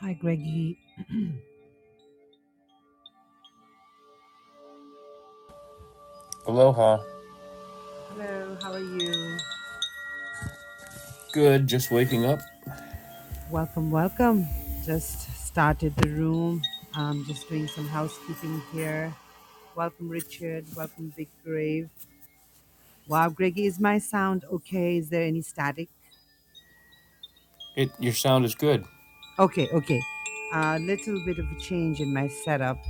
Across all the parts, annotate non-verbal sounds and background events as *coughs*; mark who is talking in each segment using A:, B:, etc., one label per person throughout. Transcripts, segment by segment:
A: Hi, Greggy. *clears throat*
B: Aloha.
A: Hello, how are you?
B: Good, just waking up.
A: welcome, welcome. Just started the room. I'm just doing some housekeeping here. Welcome, Richard. Welcome, Big Grave. Wow, Greggy, is my sound okay? Is there any static?
B: It your sound is good.
A: Okay, okay. A little bit of a change in my setup,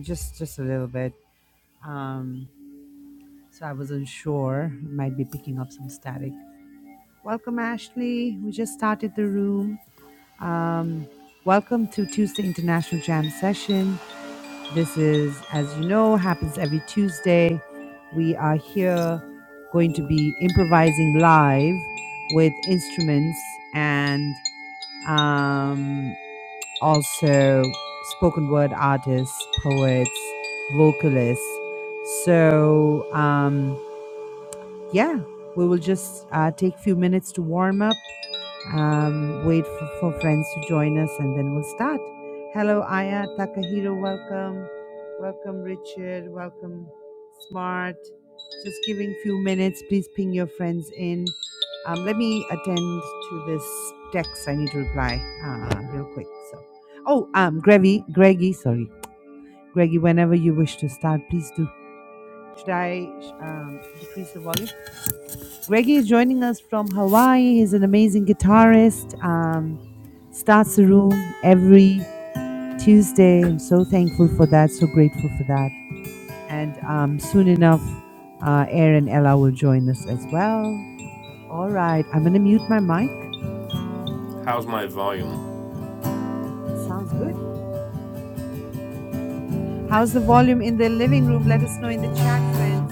A: just just a little bit. Um, so I wasn't sure. Might be picking up some static. Welcome, Ashley. We just started the room. Um, welcome to Tuesday International Jam Session. This is, as you know, happens every Tuesday. We are here going to be improvising live with instruments and um, also spoken word artists, poets, vocalists. So, um, yeah, we will just uh, take a few minutes to warm up um, wait for, for friends to join us and then we'll start. Hello, Aya, Takahiro, welcome. Welcome, Richard. Welcome, Smart. Just giving few minutes. Please ping your friends in. Um, let me attend to this text. I need to reply uh, real quick. So, oh, um, Greggy, Greggy, sorry, Greggy. Whenever you wish to start, please do. Should I um, decrease the volume? Greggy is joining us from Hawaii. He's an amazing guitarist. Um, starts the room every Tuesday. I'm so thankful for that. So grateful for that. And um, soon enough, uh, Aaron Ella will join us as well. All right. I'm going to mute my mic.
B: How's my volume?
A: Sounds good. How's the volume in the living room? Let us know in the chat, friends.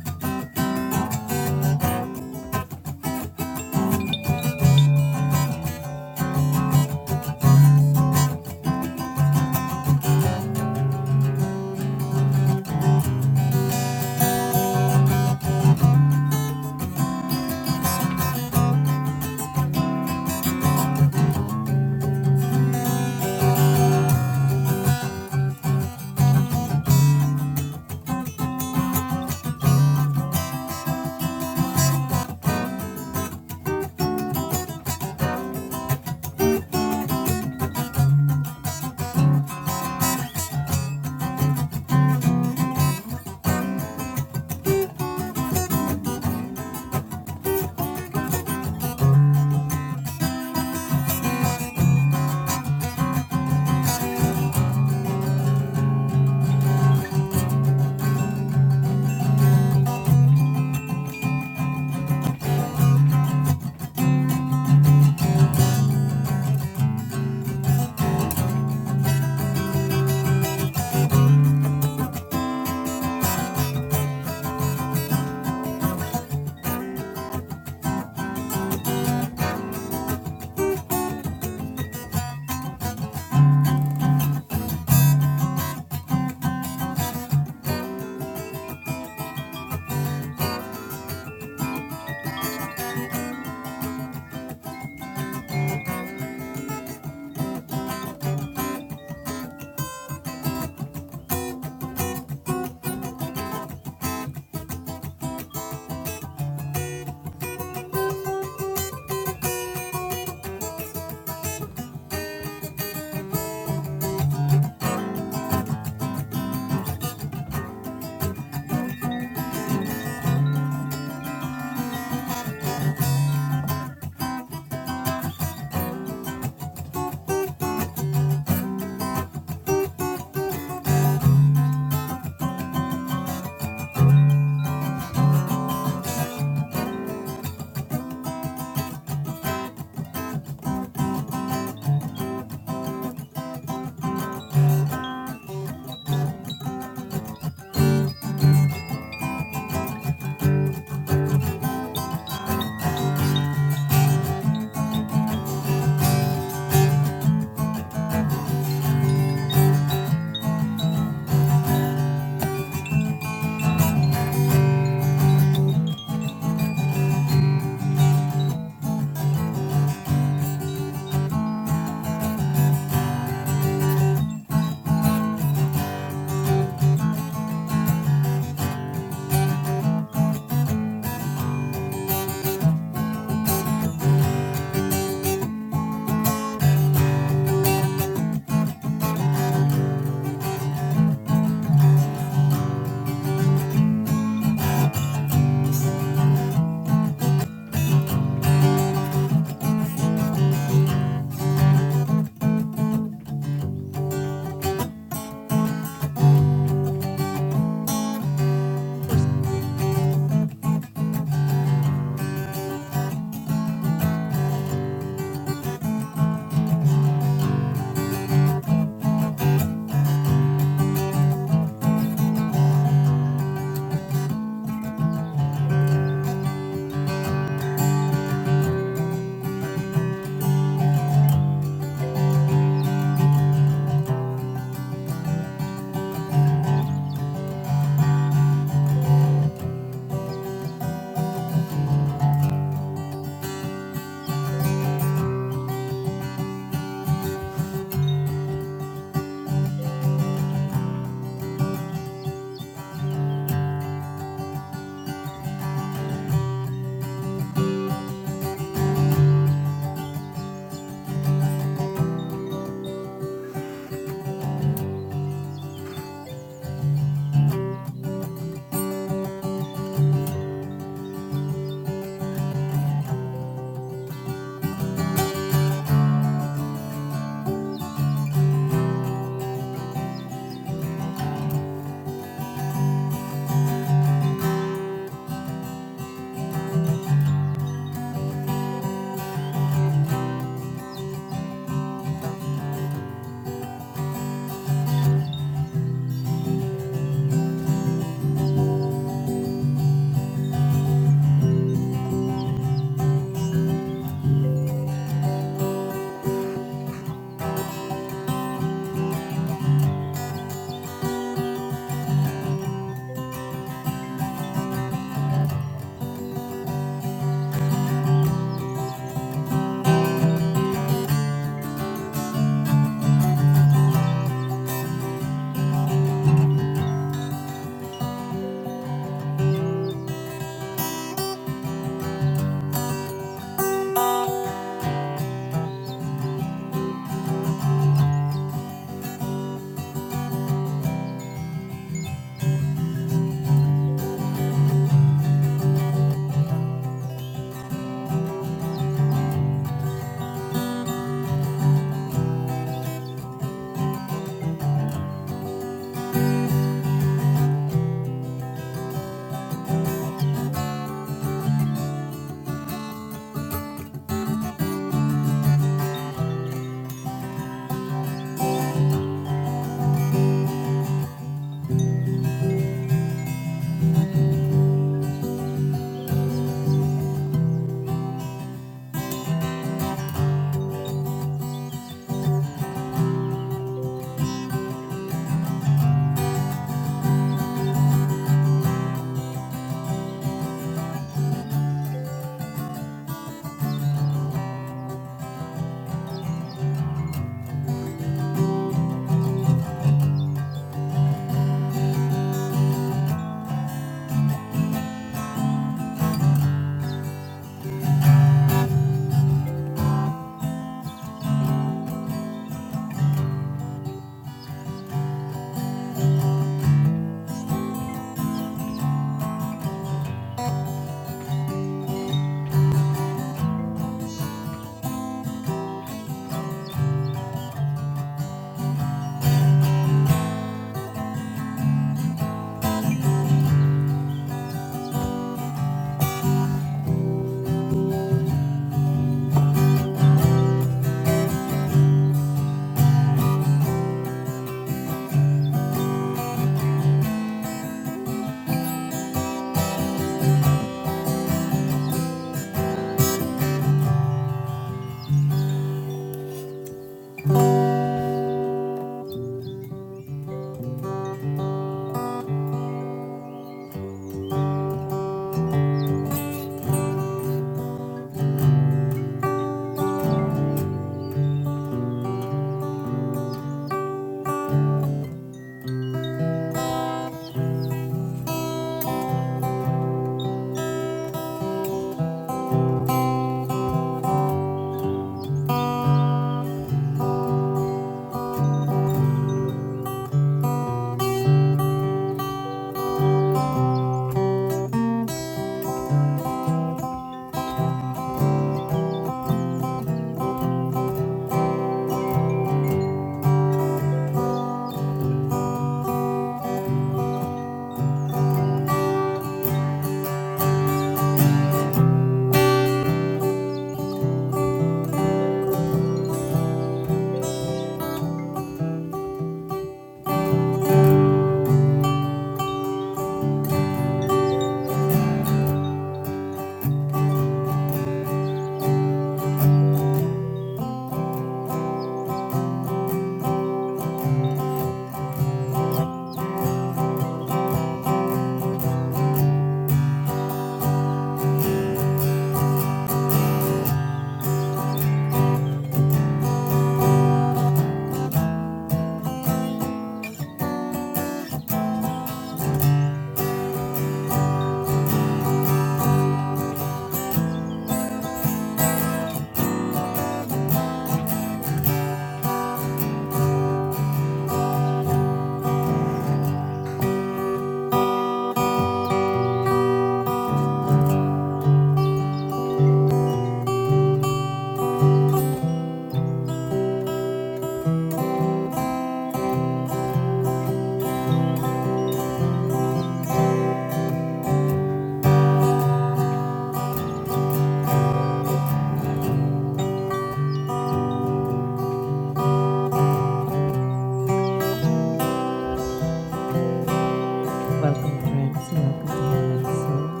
A: Welcome, friends. Welcome to Himalayan Soul.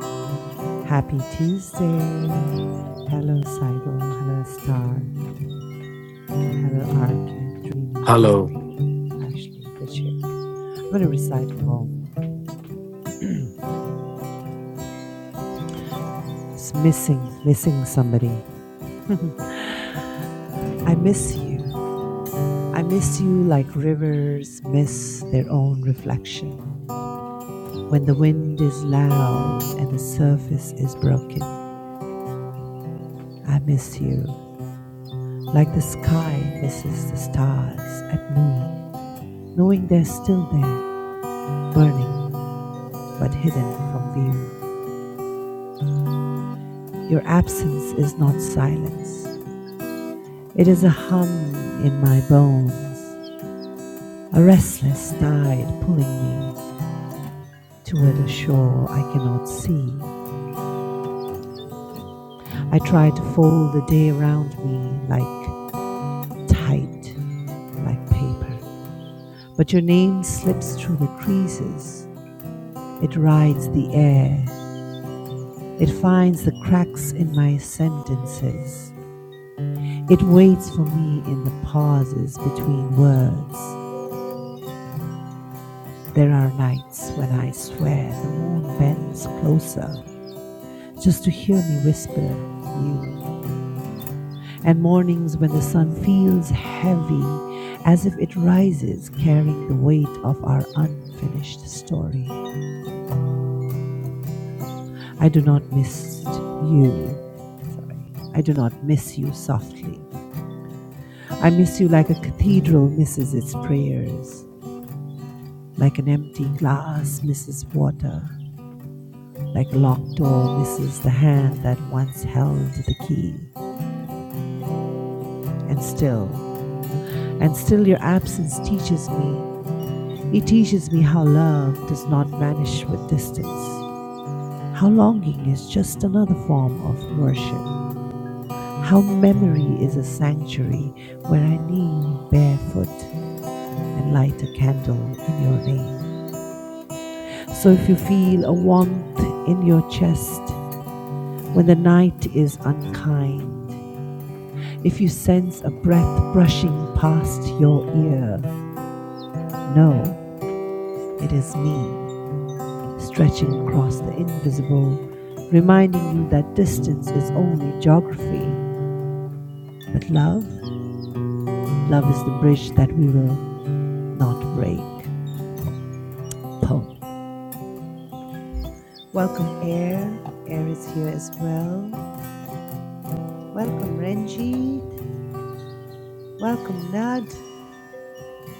A: Happy Tuesday. Hello, Saigo. Hello, Star. Heather Arkin, Dreamer,
C: Hello.
A: Takahiro, Ashley, Richard. I'm going to recite a poem. It's missing, missing somebody. I miss you. I miss you like rivers miss their own reflection. When the wind is loud and the surface is broken, I miss you like the sky misses the stars at noon, knowing they're still there, burning but hidden from view. Your absence is not silence. It is a hum in my bones, a restless tide pulling me toward a shore I cannot see. I try to fold the day around me like tight, like paper. But your name slips through the creases. It rides the air. It finds the cracks in my sentences. It waits for me in the pauses between words. There are nights when I swear the moon bends closer just to hear me whisper you, and mornings when the sun feels heavy as if it rises carrying the weight of our unfinished story. I do not miss you. Sorry. I do not miss you softly. I miss you like a cathedral misses its prayers, like an empty glass misses water, Like a locked door misses the hand that once held the key. And still, and still your absence teaches me. It teaches me how love does not vanish with distance, how longing is just another form of worship, how memory is a sanctuary where I kneel barefoot and light a candle in your name. So if you feel a warmth in your chest when the night is unkind, If you sense a breath brushing past your ear, know it is me stretching across the invisible, reminding you that distance is only geography. But love, love is the bridge that we will not break. Poem. Welcome, Air. Air is here as well. Welcome, Ranjit. Welcome, Nad.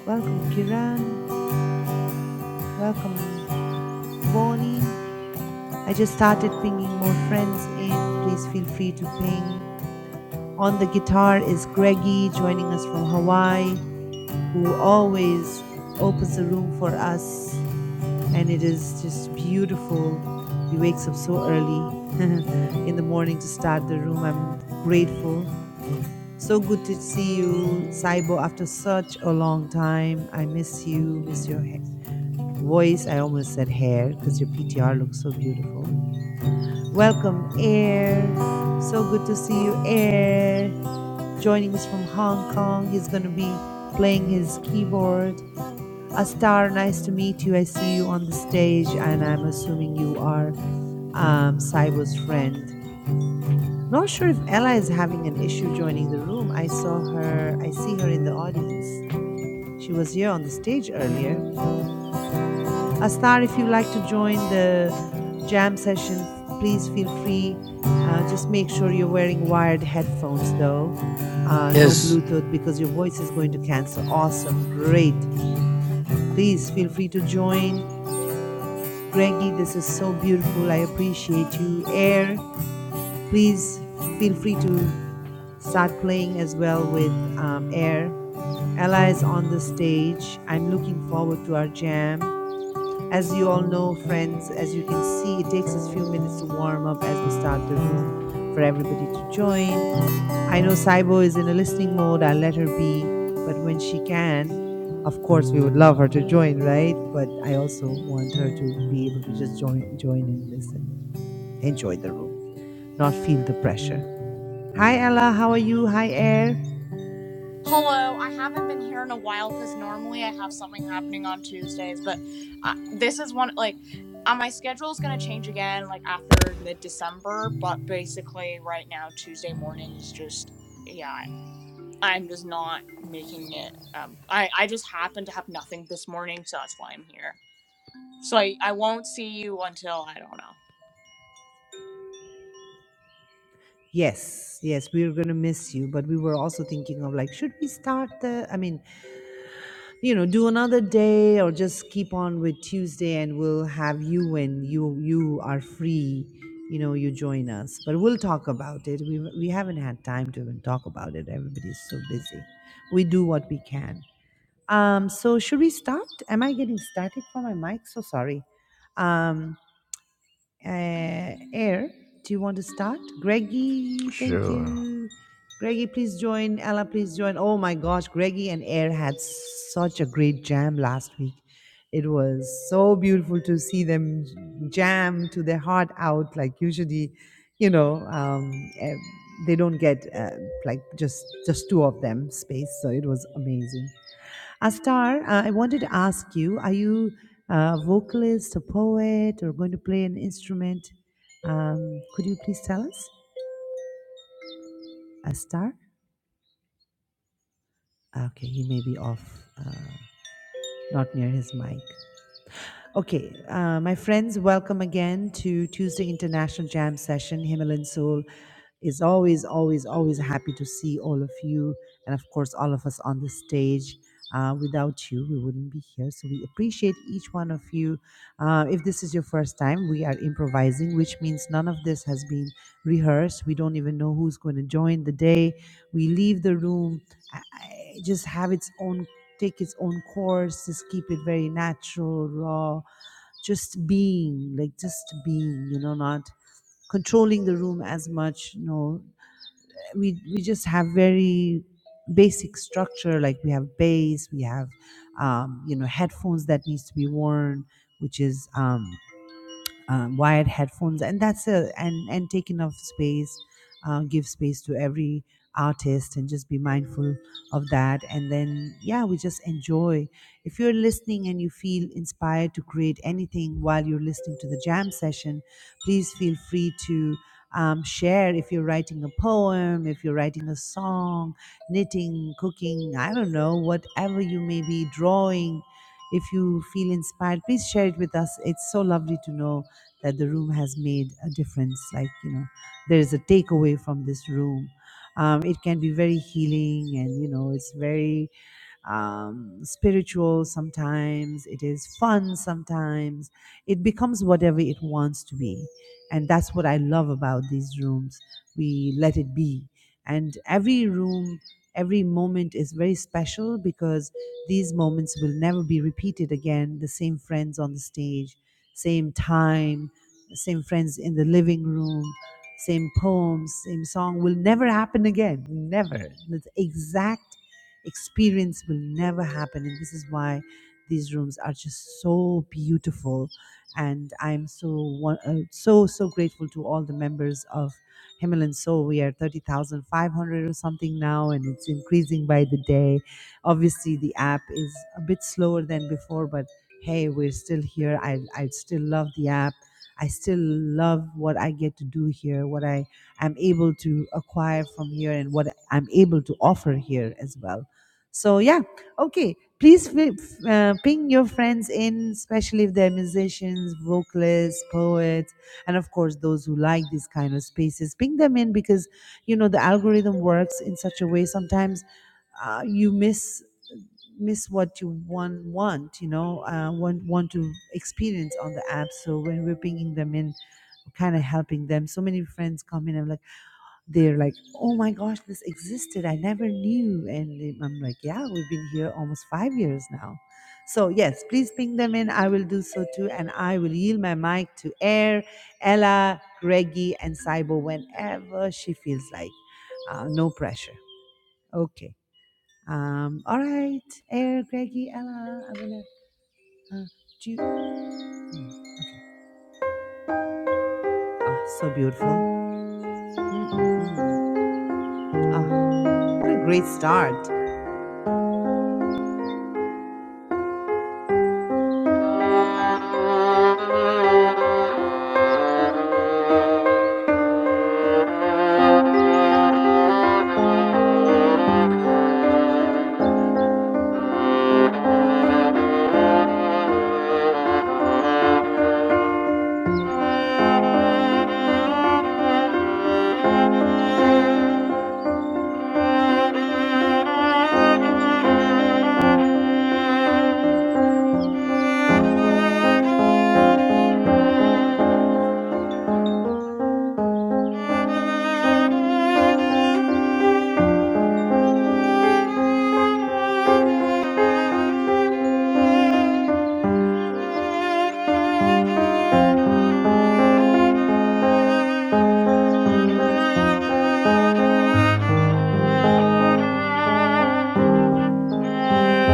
A: Welcome, Kiran. Welcome, Voni. I just started pinging more friends in. Please feel free to ping. On the guitar is Greggy joining us from Hawaii, who always opens the room for us. And it is just beautiful. He wakes up so early *laughs* in the morning to start the room. I'm grateful. So good to see you, Saibo, after such a long time. I miss you, miss your ha- voice. I almost said hair because your PTR looks so beautiful. Welcome, Air. So good to see you, Air. Joining us from Hong Kong. He's going to be playing his keyboard. Astar, nice to meet you. I see you on the stage, and I'm assuming you are um, Saibo's friend. Not sure if Ella is having an issue joining the room. I saw her, I see her in the audience. She was here on the stage earlier. Astar, if you like to join the jam session, f- please feel free. Uh, just make sure you're wearing wired headphones, though. Uh, no
C: Yes.
A: Bluetooth because your voice is going to cancel. Awesome. Great. Please feel free to join. Greggy, this is so beautiful. I appreciate you. Air, please feel free to start playing as well with um, Air. Ella is on the stage. I'm looking forward to our jam. As you all know, friends, as you can see, it takes us a few minutes to warm up as we start the room for everybody to join. I know Saibo is in a listening mode. I'll let her be. But when she can, of course, we would love her to join, right? But I also want her to be able to just join, join and listen, enjoy the room, not feel the pressure. Hi, Ella. How are you? Hi, Air. Yes, yes, we were going to miss you, but we were also thinking of like, should we start the? I mean, you know do another day or just keep on with tuesday and we'll have you when you you are free you know you join us but we'll talk about it we we haven't had time to even talk about it everybody's so busy we do what we can um so should we start am i getting static for my mic so sorry um uh, Air, do you want to start? Greggy, thank
D: Sure,
A: you. Greggy, please join. Ella, please join. Oh my gosh, Greggy and Air had such a great jam last week. It was so beautiful to see them jam to their heart out. Like usually, you know, um, eh, they don't get uh, like just just two of them space. So it was amazing. Astar, uh, I wanted to ask you, are you a vocalist, a poet, or going to play an instrument? Um, could you please tell us? Astar? Okay, he may be off, uh, not near his mic. Okay, uh, my friends, welcome again to Tuesday International Jam Session. Himalayan Soul is always, always, always happy to see all of you, and of course, all of us on the stage. Uh, without you, we wouldn't be here. So we appreciate each one of you. Uh, if this is your first time, we are improvising, which means none of this has been rehearsed. We don't even know who's going to join the day. We leave the room, I, I just have its own, take its own course, just keep it very natural, raw just being like just being you know not controlling the room as much you know we we just have very basic structure like we have bass we have um, you know headphones that needs to be worn which is um, um, wired headphones, and that's a And and take enough space, uh, give space to every artist, and just be mindful of that. And then yeah, we just enjoy. If you're listening and you feel inspired to create anything while you're listening to the jam session, please feel free to. Um, share if you're writing a poem, if you're writing a song, knitting, cooking, I don't know, whatever you may be drawing. If you feel inspired, please share it with us. It's so lovely to know that the room has made a difference. Like, you know, there is a takeaway from this room. Um, it can be very healing and, you know, it's very um, spiritual sometimes, it is fun sometimes. It becomes whatever it wants to be. And that's what I love about these rooms. We let it be. And every room, every moment is very special because these moments will never be repeated again. The same friends on the stage, same time, the same friends in the living room, same poems, same song will never happen again. Never. The exact experience will never happen. And this is why these rooms are just so beautiful. And I'm so won- uh, so so grateful to all the members of Himalayan Soul. We are thirty thousand five hundred or something now, and it's increasing by the day. Obviously, the app is a bit slower than before, but hey, we're still here. I I still love the app. I still love what I get to do here, what I am able to acquire from here, and what I'm able to offer here as well. So yeah, okay. Please fi- uh, ping your friends in, especially if they're musicians, vocalists, poets, and of course those who like these kind of spaces. Ping them in because you know the algorithm works in such a way. Sometimes uh, you miss miss what you want want you know uh, want want to experience on the app. So when we're pinging them in, kind of helping them. So many friends come in. I'm like they're like, oh my gosh, this existed. I never knew. And they- I'm like, yeah, we've been here almost five years now. So, yes, please ping them in. I will do so too. And I will yield my mic to Air, Ella, Greggy, and Saibo whenever she feels like. Uh, no pressure. Okay. Um, all right, Air, Greggy, Ella, I'm going to uh, do. you- mm, okay. Ah, so beautiful. Mm-mm-mm. Ah, what a great start.
E: Thank you. Thank you. Thank you. Thank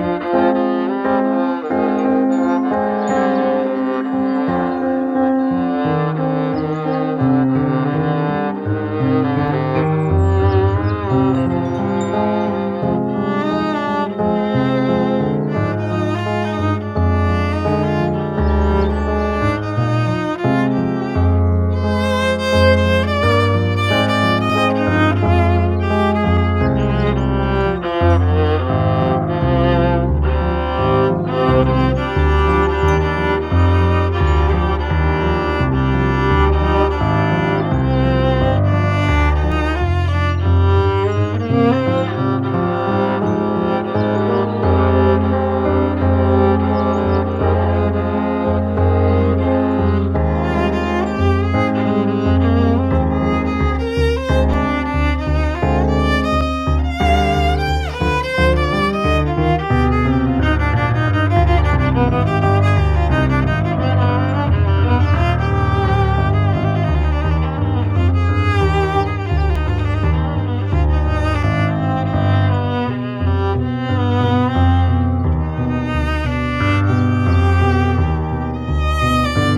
E: you. Thank you. Thank you.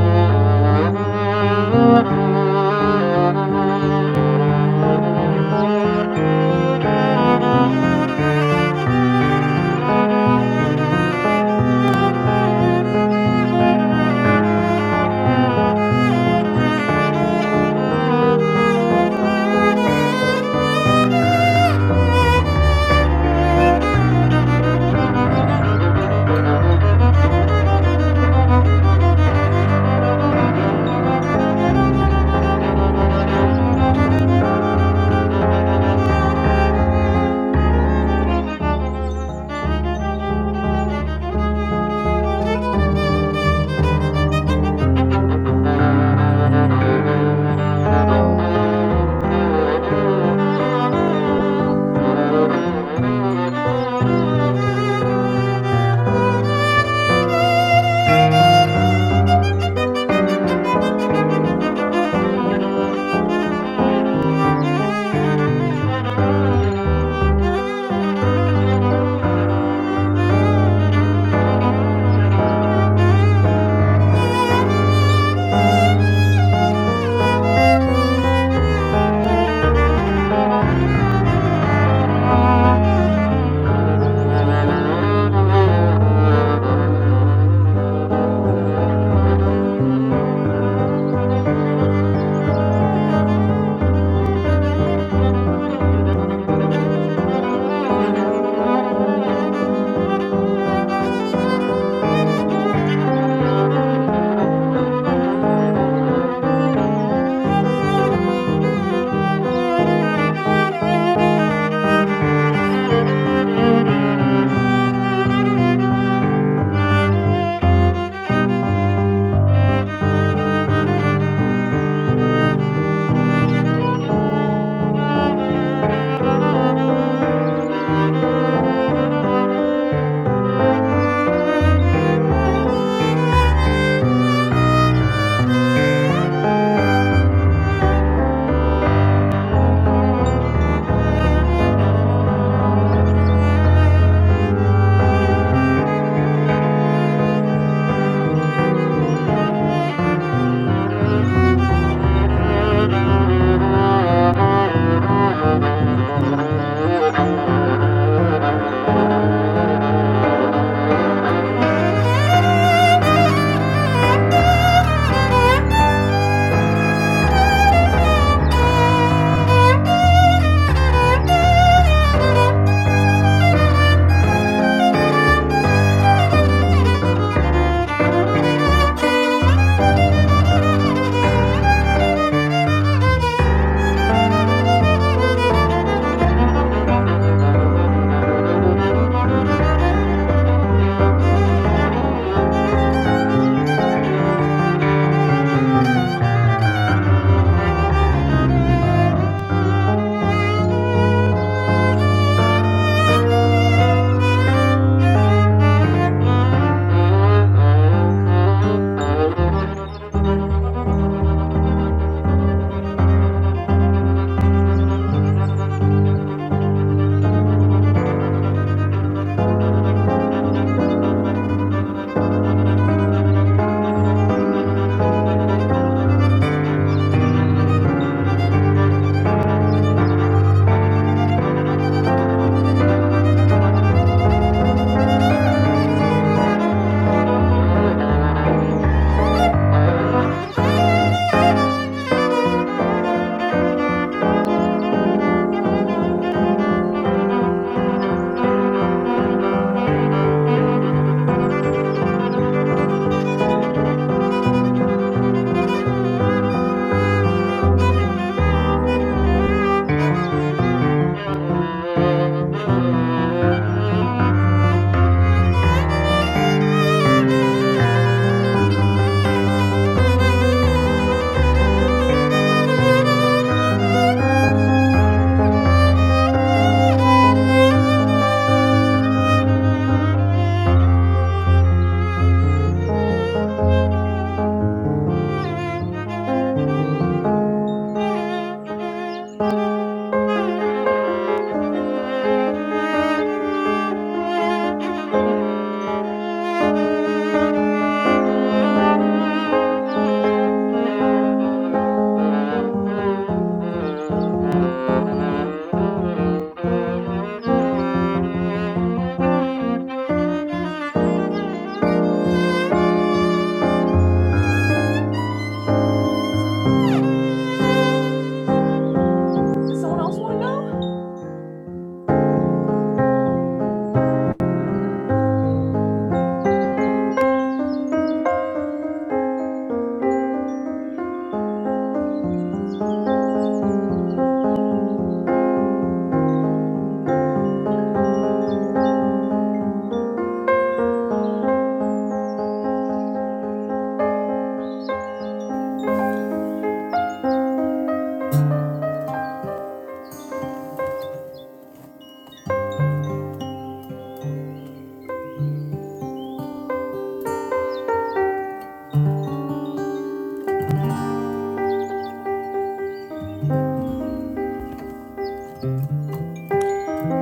E: Thank you. Thank you. *laughs* Thank you. Thank you. Thank you. *laughs* Thank you. Thank you. Thank you. Thank you. Thank you.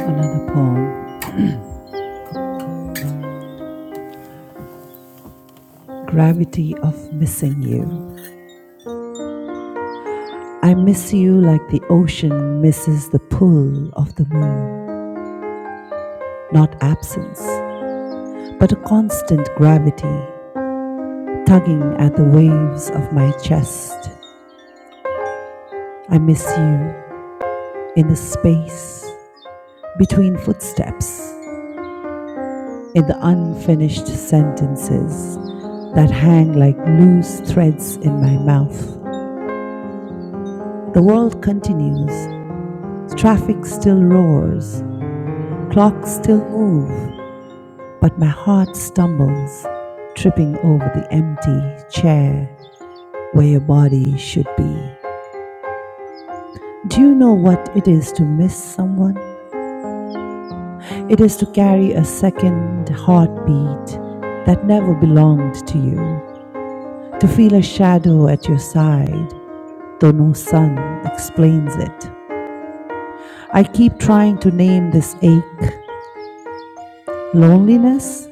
A: Another poem. Gravity of missing you. I miss you like the ocean misses the pull of the moon, not absence, but a constant gravity tugging at the waves of my chest. I miss you in the space between footsteps, in the unfinished sentences that hang like loose threads in my mouth. The world continues, traffic still roars, clocks still move, But my heart stumbles, tripping over the empty chair where your body should be. Do you know what it is to miss someone? It is to carry a second heartbeat that never belonged to you, to feel a shadow at your side, though no sun explains it. I keep trying to name this ache loneliness.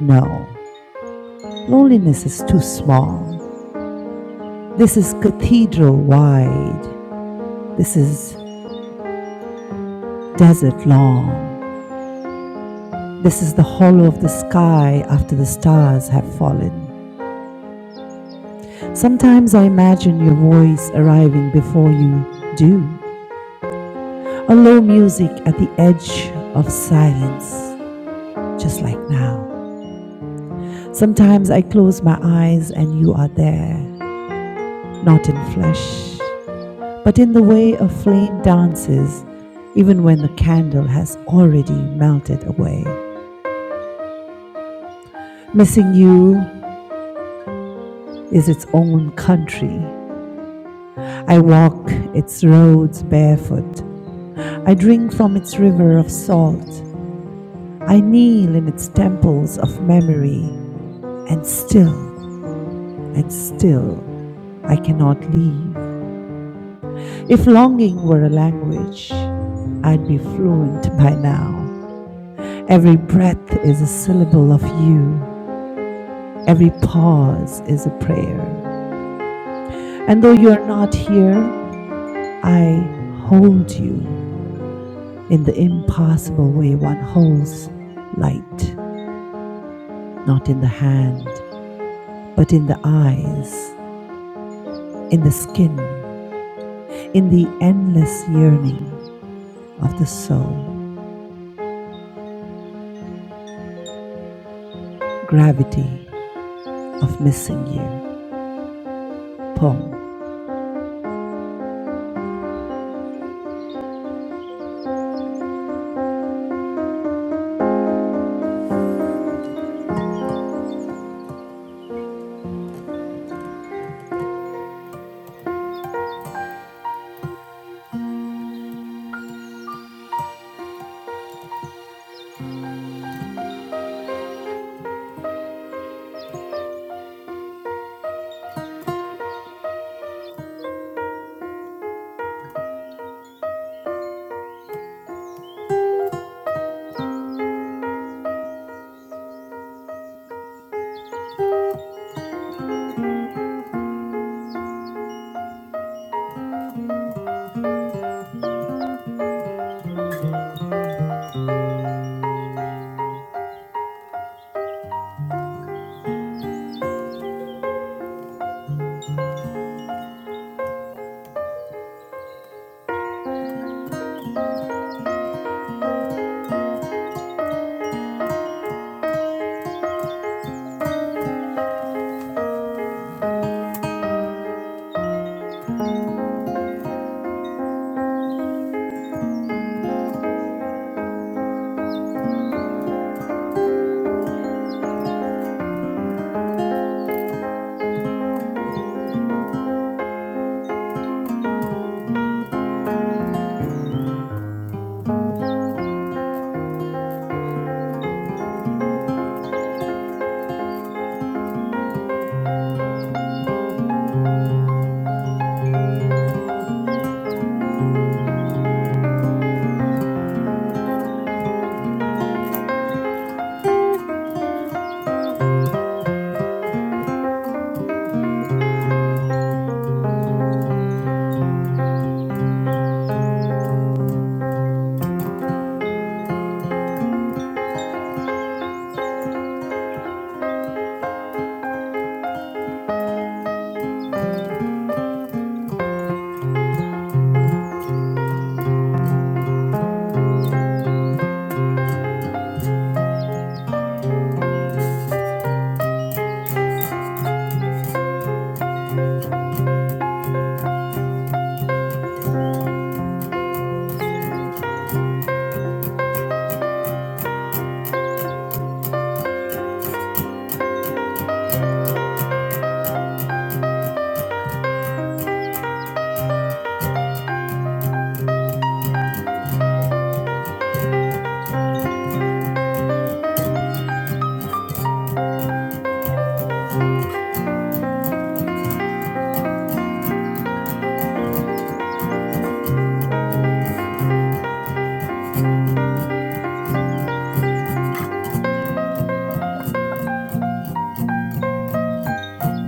A: No, loneliness is too small. This is cathedral wide. This is desert long. This is the hollow of the sky after the stars have fallen. Sometimes I imagine your voice arriving before you do. A low music at the edge of silence, just like now. Sometimes I close my eyes and you are there, not in flesh, but in the way a flame dances, even when the candle has already melted away. Missing you is its own country. I walk its roads barefoot. I drink from its river of salt. I kneel in its temples of memory. And still, and still, I cannot leave. If longing were a language, I'd be fluent by now. Every breath is a syllable of you. Every pause is a prayer. And though you are not here, I hold you. In the impossible way, one holds light, not in the hand, but in the eyes, in the skin, in the endless yearning of the soul, gravity of missing you. Poem.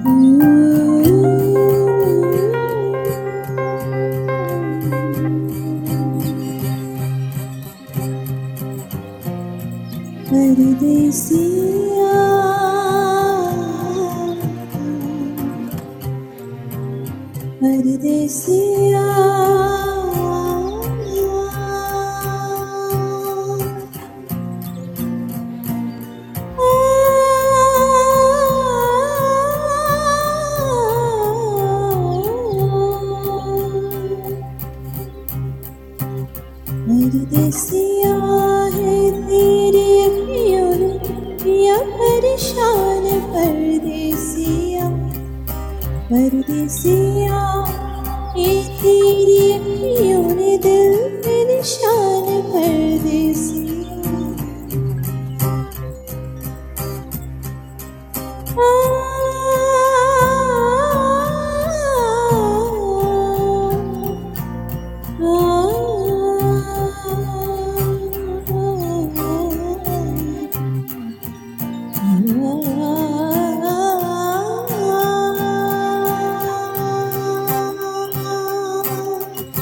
F: Oh, Ardeshia, Ardeshia, oh. परदेसिया है तेरे अखियों ने किया परेशान परदेसिया परदेसिया ये तेरी अखियों ने दिल पे निशान परदेसिया आ, परदेसिया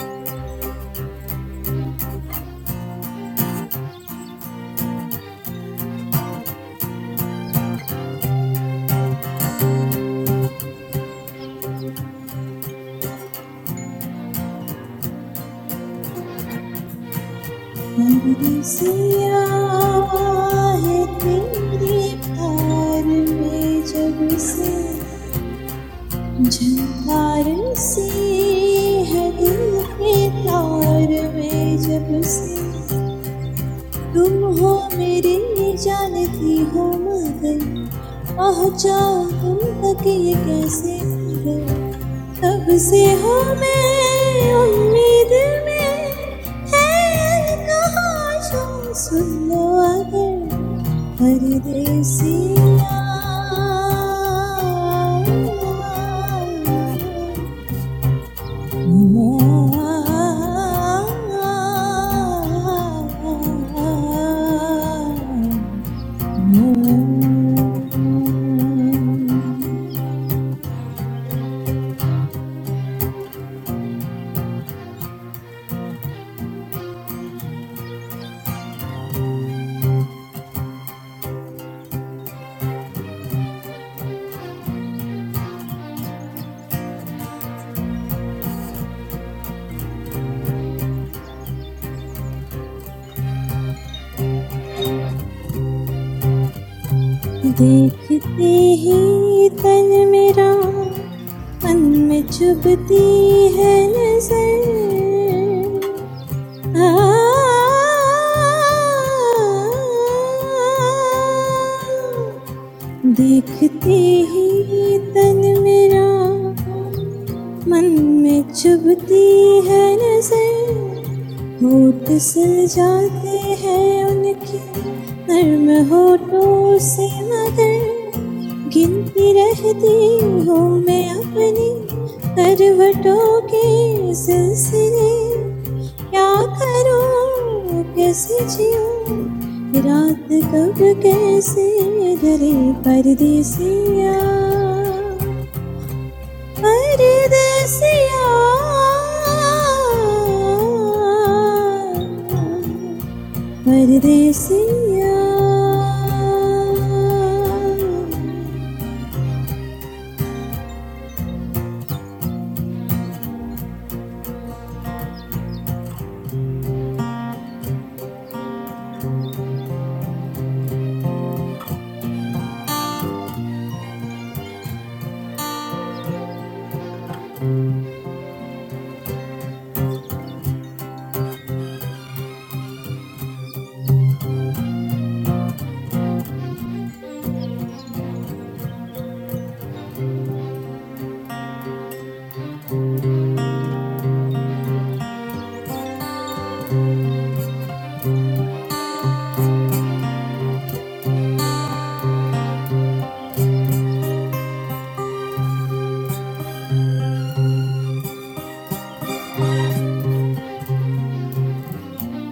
F: है तेरे प्यार में जब से झंकार से है दिल के तार में जब से तुम हो मेरी जानती हो मगर पहुंचाओ तुम तक ये कैसे खबर तब से हो मैं उम्मीद में है कहा तुम सुन लो अगर परदेसिया देखते ही तन मेरा मन में चुभती है नजर देखते ही तन मेरा मन में चुभती है नजर होठ जाते हैं उनके नर्म होठों से मगर गिनती रहती हूँ मैं अपनी करवटों के सिलसिले क्या करूँ कैसे जीऊँ रात कब कैसे ढले परदेसिया परदेसिया परदेसिया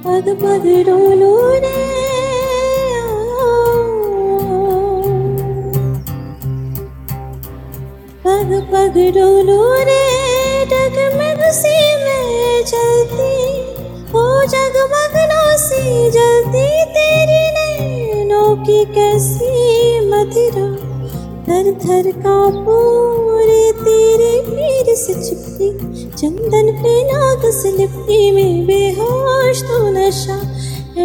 F: पग पग डोलो रे पग पग डोलो रे डगमग से मैं जलती ओ जगमगनों से जलती तेरी नैनों की कैसी मदिरा थर थर कांपो रे तेरे पैर से चिपके चंदन पे नाग से लिपटी में बेहोश तो नशा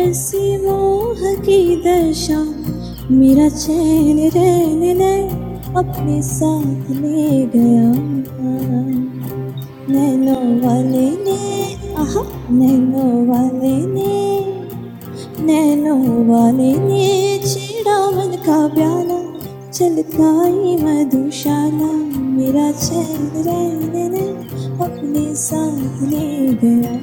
F: ऐसी मोह की दशा मेरा चैन रैन नैन अपने साथ ले गया नैनो वाले ने आहा नैनो वाले ने नैनों वाले ने छेड़ा मन का प्याला छलकाई मधुशाला मेरा चैन रैन ने अपने साथ ले गया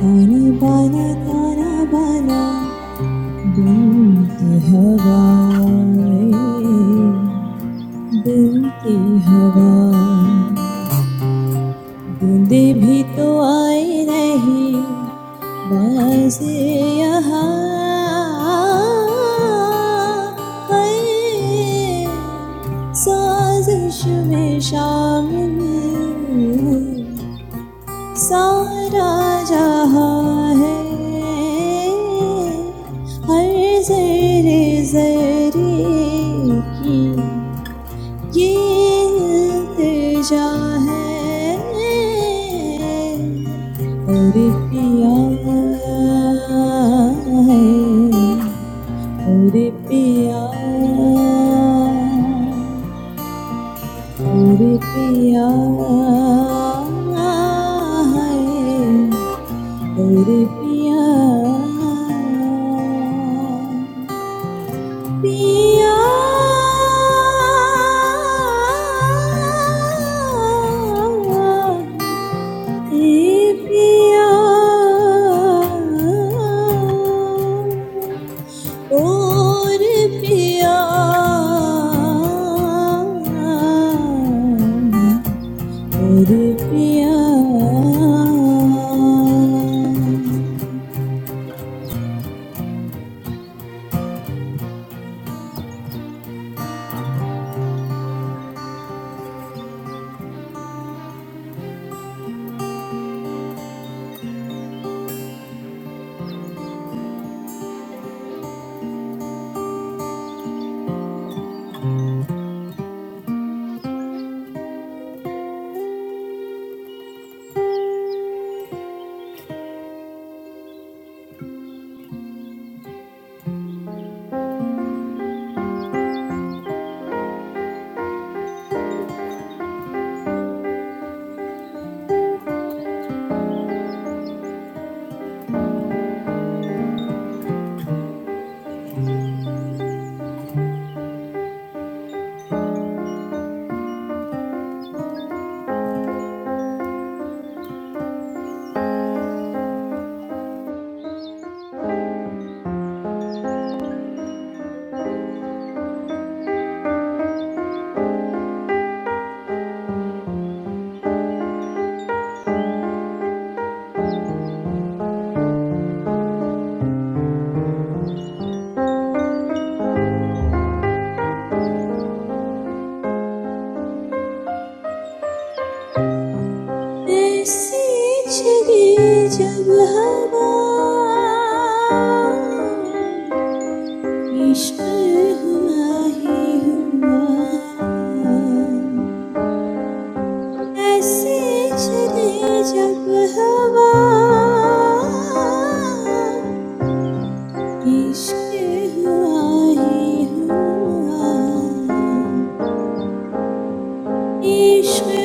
F: ताना बाना ताना बाना बुनती हवाएं बुनती हवा बूंदे भी तो आए रहे बाजे यहाँ है साजिश में शामिल सारा जहाँ है हर जरे जरे की ये इल्तिजा है और पिया है और पिया और पिया है और पिया Pia. और पिया और पिया ऐसी छिड़ी जब हवा इश्क हुआ ही हुआ ऐसे छिड़ी जब हवा इश्क हुआ ही हुआ Ishq hai,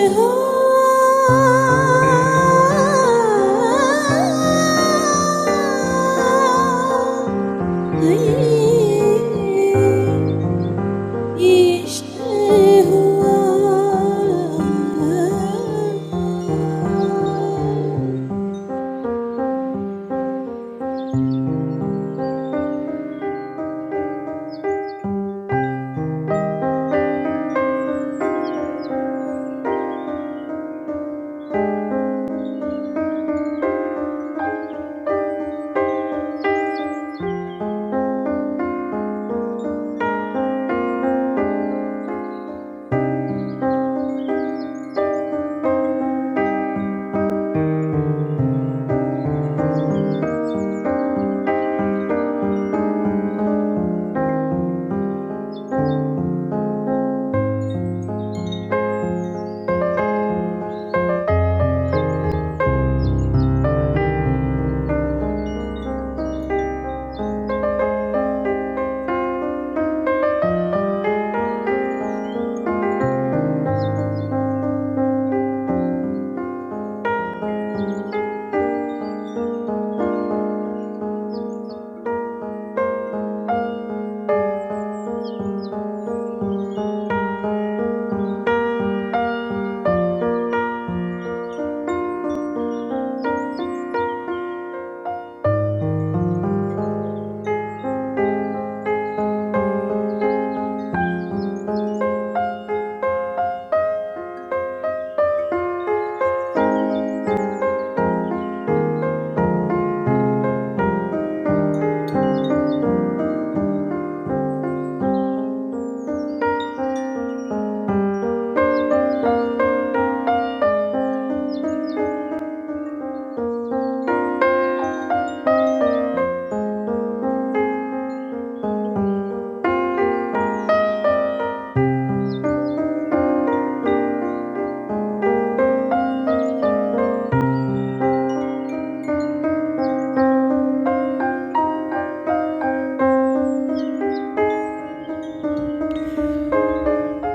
F: Ishq hai,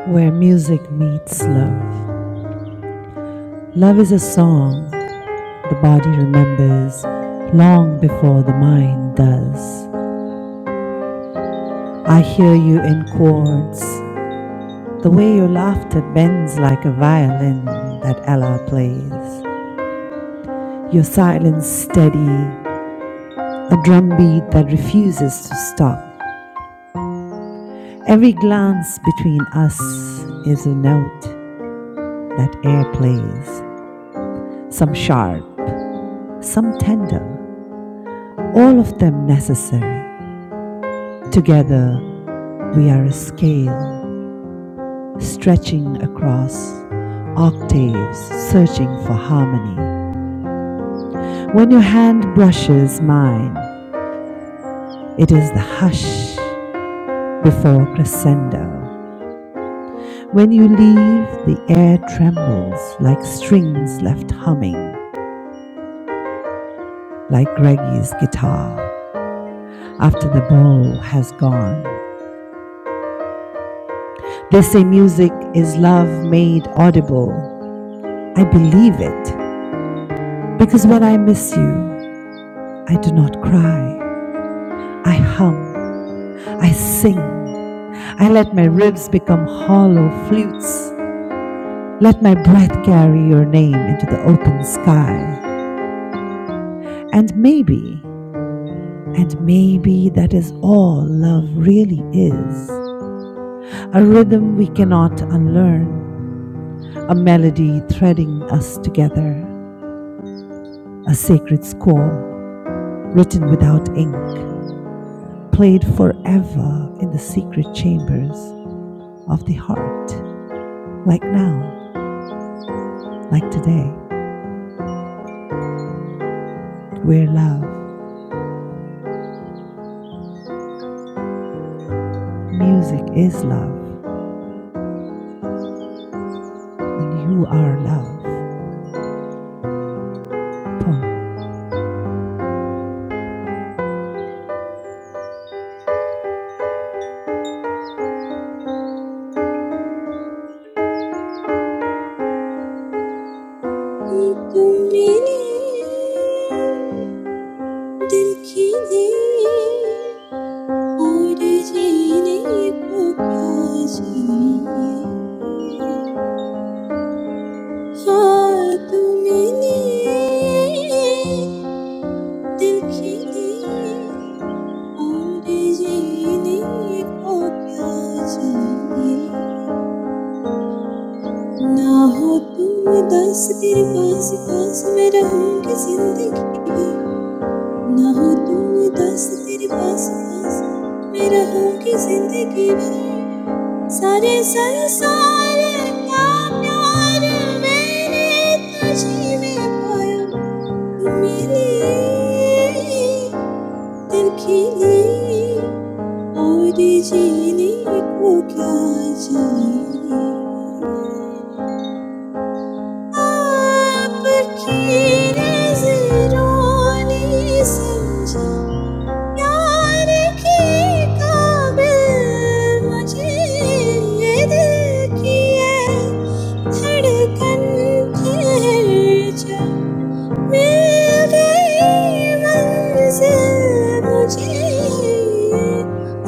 A: Where music meets love. Love is a song the body remembers long before the mind does. I hear you in chords The way your laughter bends like a violin that Allah plays. Your silence steady, a drumbeat that refuses to stop. Every glance between us is a note that air plays, some sharp, some tender, all of them necessary. Together, we are a scale stretching across octaves, searching for harmony. When your hand brushes mine, It is the hush before crescendo. When you leave, the air trembles like strings left humming, like Greggy's guitar after the bow has gone. They say music is love made audible. I believe it because when I miss you, I do not cry. I hum, I sing, I let my ribs become hollow flutes. Let my breath carry your name into the open sky. And maybe, and maybe that is all love really is a rhythm we cannot unlearn, a melody threading us together, a sacred score written without ink, played forever in the secret chambers of the heart, like now, like today, where love, music is love, and you are love. Poem.
F: tu mili. दिल खीले और जीने को क्या चाहिए हाँ तुमने दिल खीले और जीने को क्या चाहिए ना हो तुम उदास तेरे पास पास मैं रहूंगी जिंदगी ना हो तू उदास तेरे पास पास मैं रहूंगी जिंदगी भर सारे संसार का प्यार मैंने तुझी में पाया तुम मिली दिल खिली और जीने को क्या चाहिए आपकी नजरों ने समझा प्यार के काबिल मुझे ये दिल की है धड़कन फिर जब मिल गई मंजिल मुझे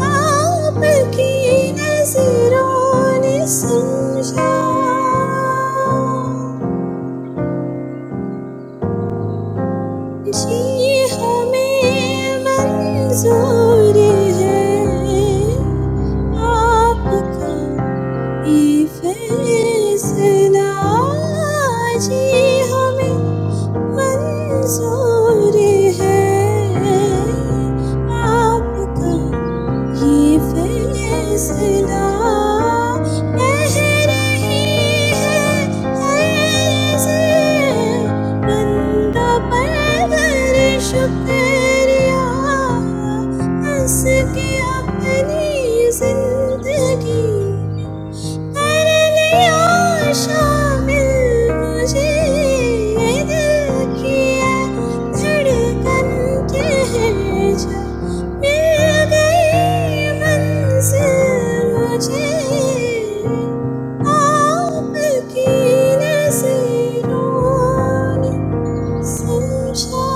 F: आप की नजरों ने समझा जी हमें मंजूर है आपका ये फैसला आज ही हमें मंजूर है आपका ये फैसला कह रही है ऐसे बंदा पर शुक्रिया हंस के अपनी जिंदगी करलिया शामिल मुझे ये दिल की है धड़कन कह जो मिल गई मंजिल मुझे आपकी नजरों ने समझा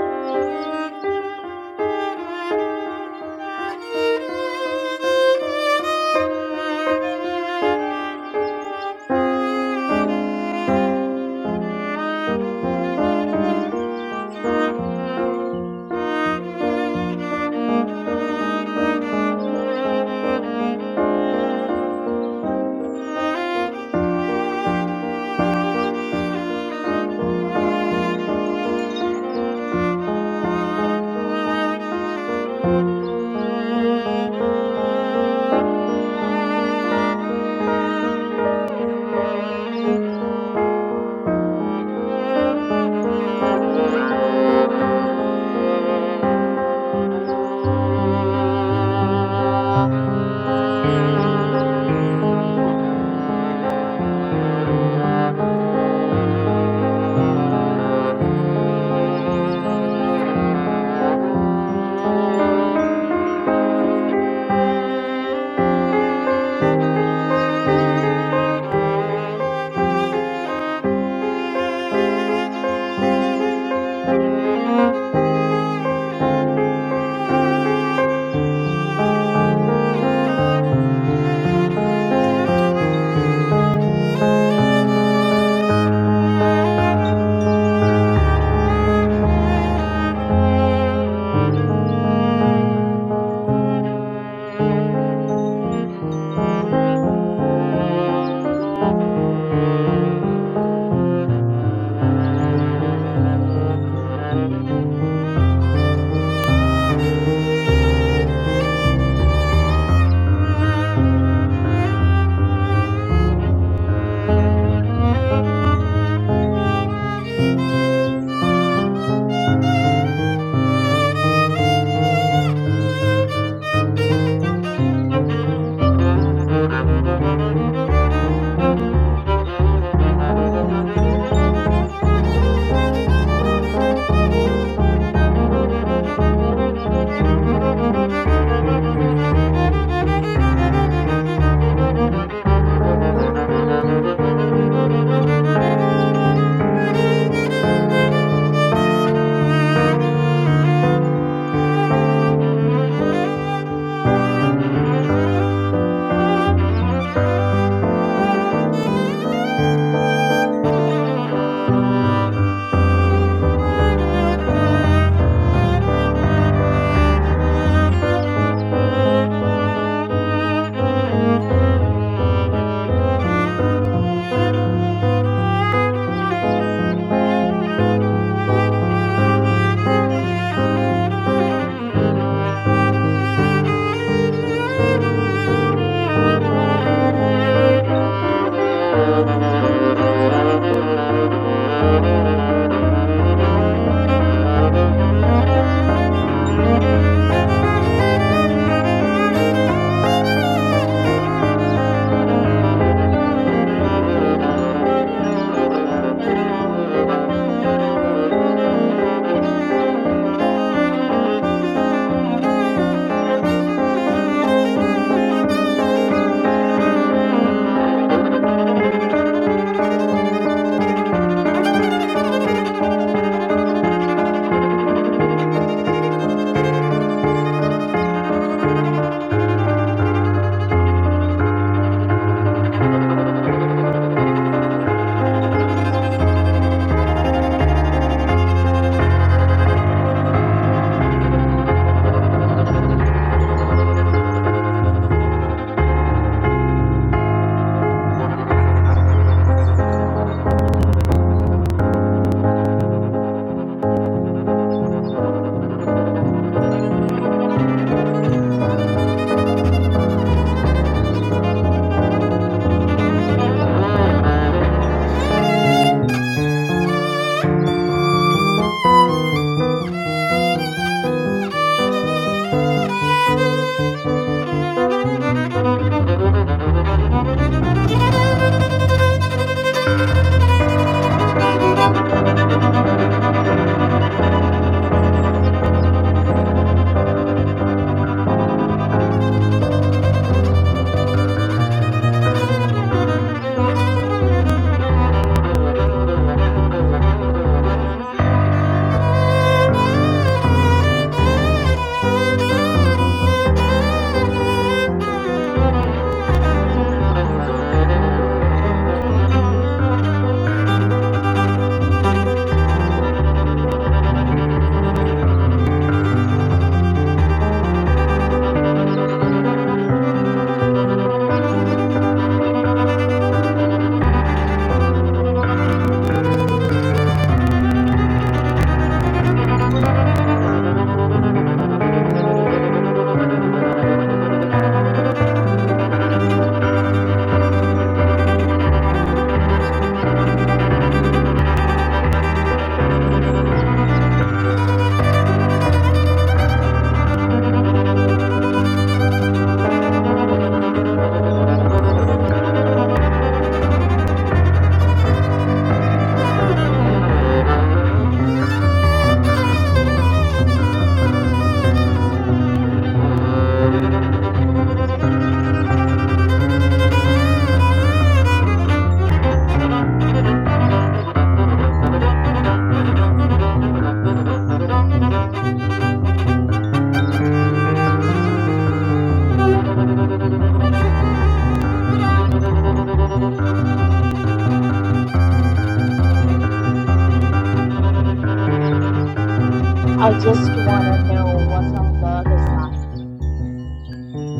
E: Thank you. Thank you. Thank you. Thank you. Thank you. Thank you. Thank you. Thank you. Thank you. *laughs* Thank you.
G: I just want to know what's on the other side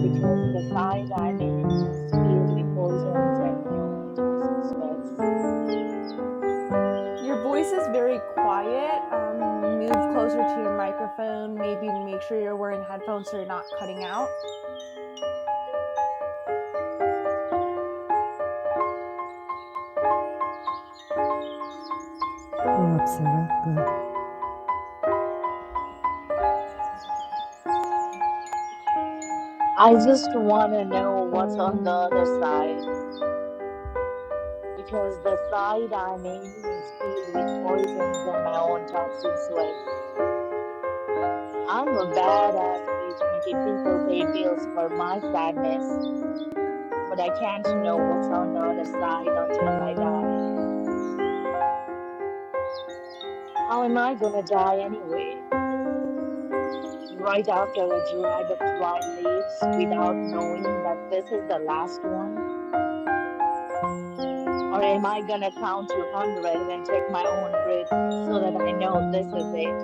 G: because the side I'm in is filled with poisons and my own toxic sweats.
E: Your voice is very quiet. Um, move closer to your microphone. Maybe make sure you're wearing headphones so you're not cutting out.
A: Go up, Sarah. Go.
G: I just want to know what's on the other side because the side I'm in is filled with poisons and my own toxic sweats. I'm a badass bitch making people pay bills for my sadness, but I can't know what's on the other side until I die. How am I gonna die anyway? right after a drag of dry leaves without knowing that this is the last one? Or am I gonna count to 100 and take my own breath so that I know this is it?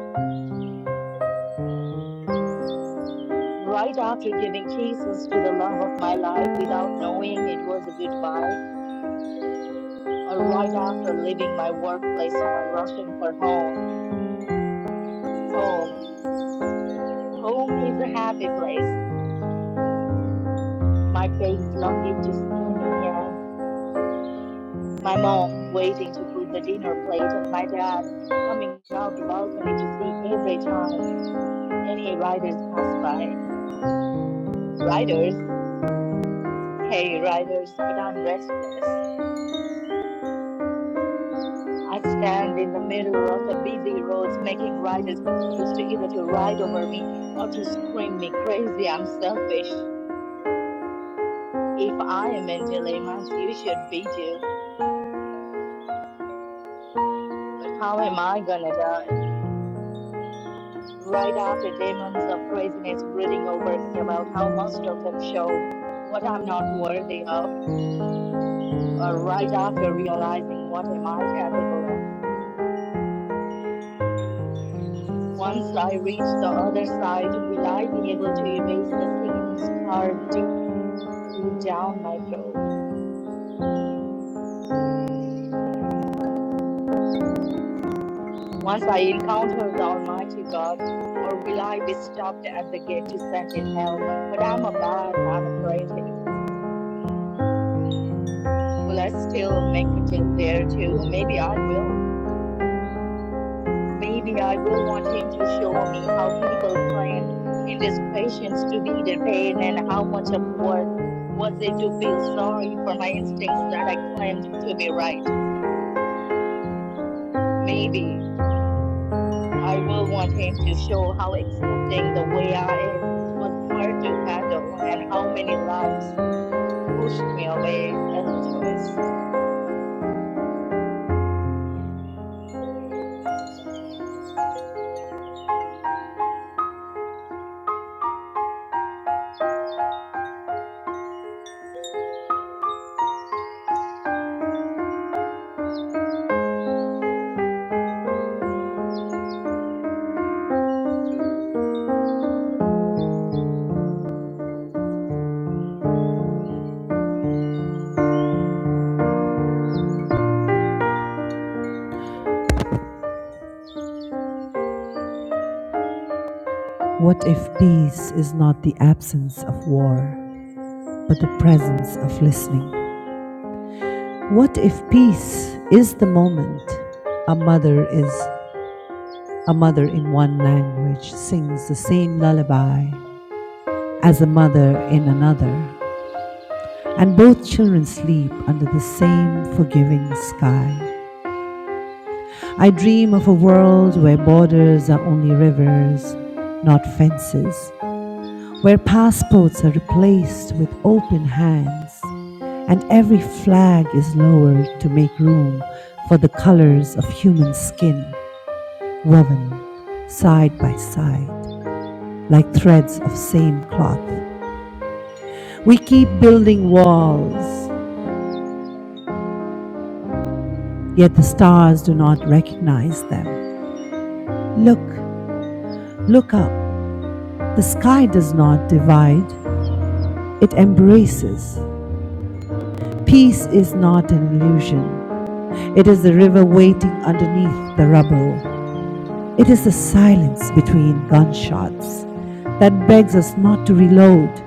G: Right after giving kisses to the love of my life without knowing it was a goodbye, or right after leaving my workplace while rushing for home. Home. Home is a happy place. My babe longing to see me and my mom waiting to put the dinner plate, and my dad coming out the balcony to see every time any riders pass by. Riders, hey, riders, but I'm restless. I stand in the middle of the busy roads, making riders confused either to ride over me or to scream me crazy. I'm selfish. If I am in dilemmas, you should be too. But how am I gonna die? right after demons of craziness brooding over me about how most of them showed what I'm not worthy of, or right after realizing what am I capable of. Once I reach the other side, will I be able to erase the sins carved deep down my throat? Once I encounter the Almighty God, or will I be stopped at the gate to sent in hell? But I'm a bad manipulative. Will I still make a deal there too? Maybe I will. Maybe I will want him to show me how people planned indiscretions to be their pain and how much of worth was it to feel sorry for my instincts that I claimed to be right. Maybe I will want him to show how accepting the way I am was hard to handle and how many lives pushed me away as a choice.
A: What if peace is not the absence of war, but the presence of listening? What if peace is the moment a mother is a mother in one language sings the same lullaby as a mother in another, and both children sleep under the same forgiving sky? I dream of a world where borders are only rivers, not fences, where passports are replaced with open hands, and every flag is lowered to make room for the colors of human skin woven side by side like threads of same cloth. We keep building walls, yet the stars do not recognize them. Look, look up. The sky does not divide, it embraces. Peace is not an illusion. It is the river waiting underneath the rubble. It is the silence between gunshots that begs us not to reload.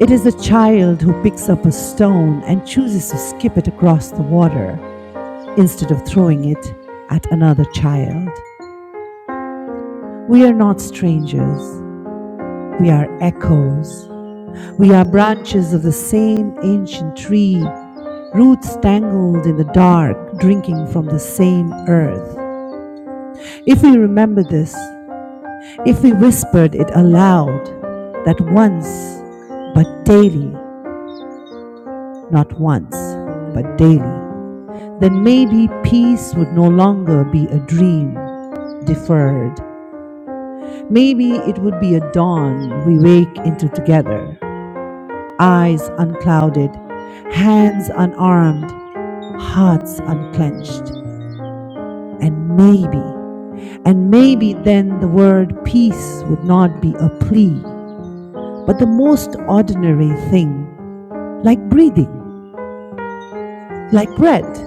A: It is the child who picks up a stone and chooses to skip it across the water instead of throwing it at another child. We are not strangers. We are echoes. We are branches of the same ancient tree, roots tangled in the dark, drinking from the same earth. If we remember this, If we whispered it aloud, that once, but daily, not once, but daily, then maybe peace would no longer be a dream deferred. Maybe it would be a dawn we wake into together, eyes unclouded, hands unarmed, hearts unclenched, and maybe, and maybe then the word peace would not be a plea But the most ordinary thing, like breathing, like bread,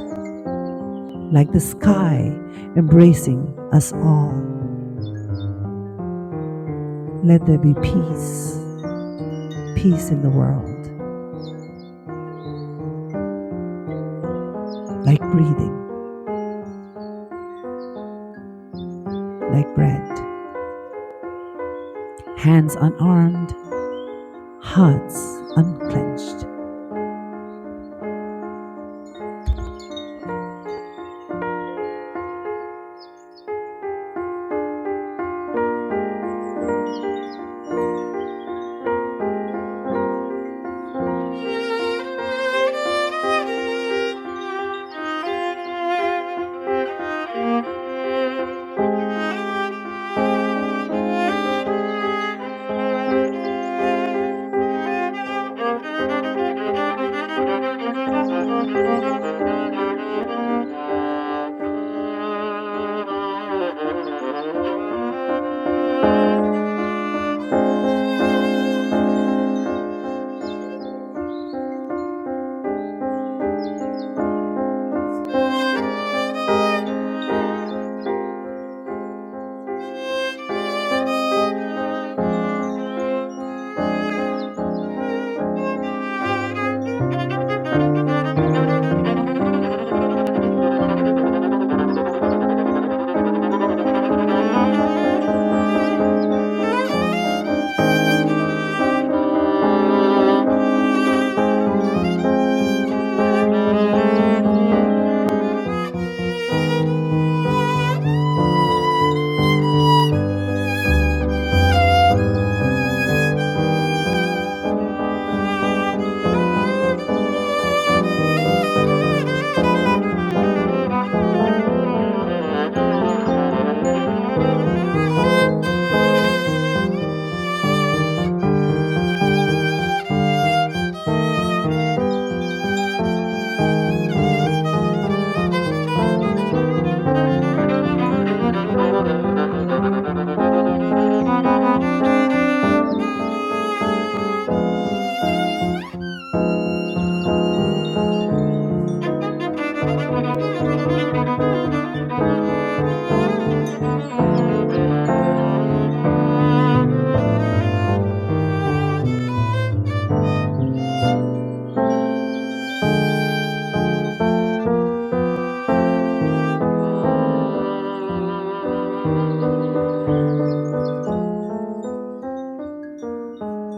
A: like the sky embracing us all, let there be peace, peace in the world, like breathing, like bread, hands unarmed, hearts unclenched.
E: Thank you. Thank you. Thank you. Thank you.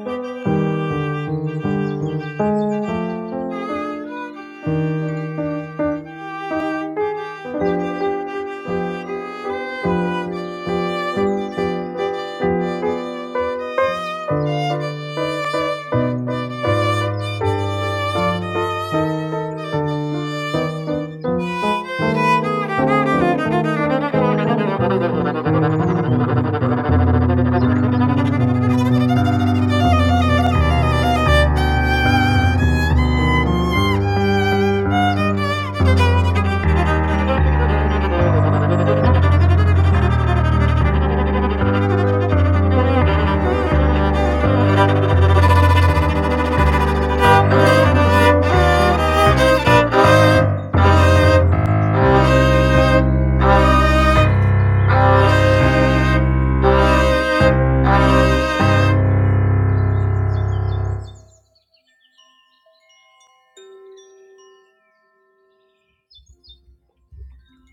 E: Thank *laughs* you. Ah,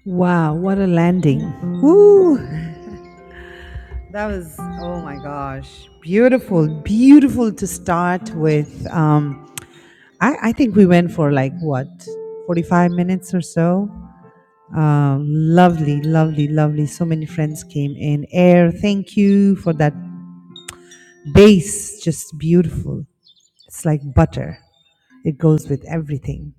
A: Wow, what a landing! Woo! That was, oh my gosh, beautiful, beautiful to start with. Um, I, I think we went for like what, 45 minutes or so? Um, lovely, lovely, lovely. So many friends came in. Air, thank you for that base. Just beautiful. It's like butter. It goes with everything.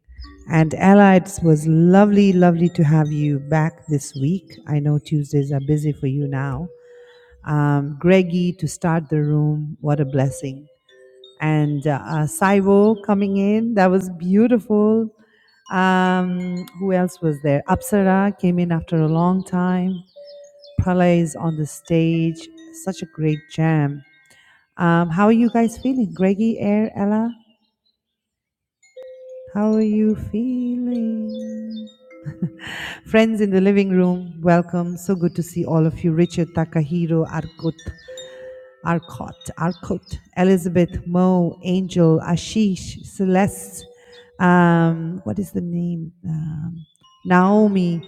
A: And Ella, it was lovely, lovely to have you back this week. I know Tuesdays are busy for you now. Um, Greggy to start the room. What a blessing. And uh, uh, Saibo coming in. That was beautiful. Um, who else was there? Apsara came in after a long time plays on the stage. Such a great jam. Um, how are you guys feeling? Greggy, Air, Ella, how are you feeling? *laughs* Friends in the living room, welcome. So good to see all of you. Richard, Takahiro, Arkut, Arcot, Arcot, Elizabeth, Mo, Angel, Ashish, Celeste, um, what is the name? Um, Naomi,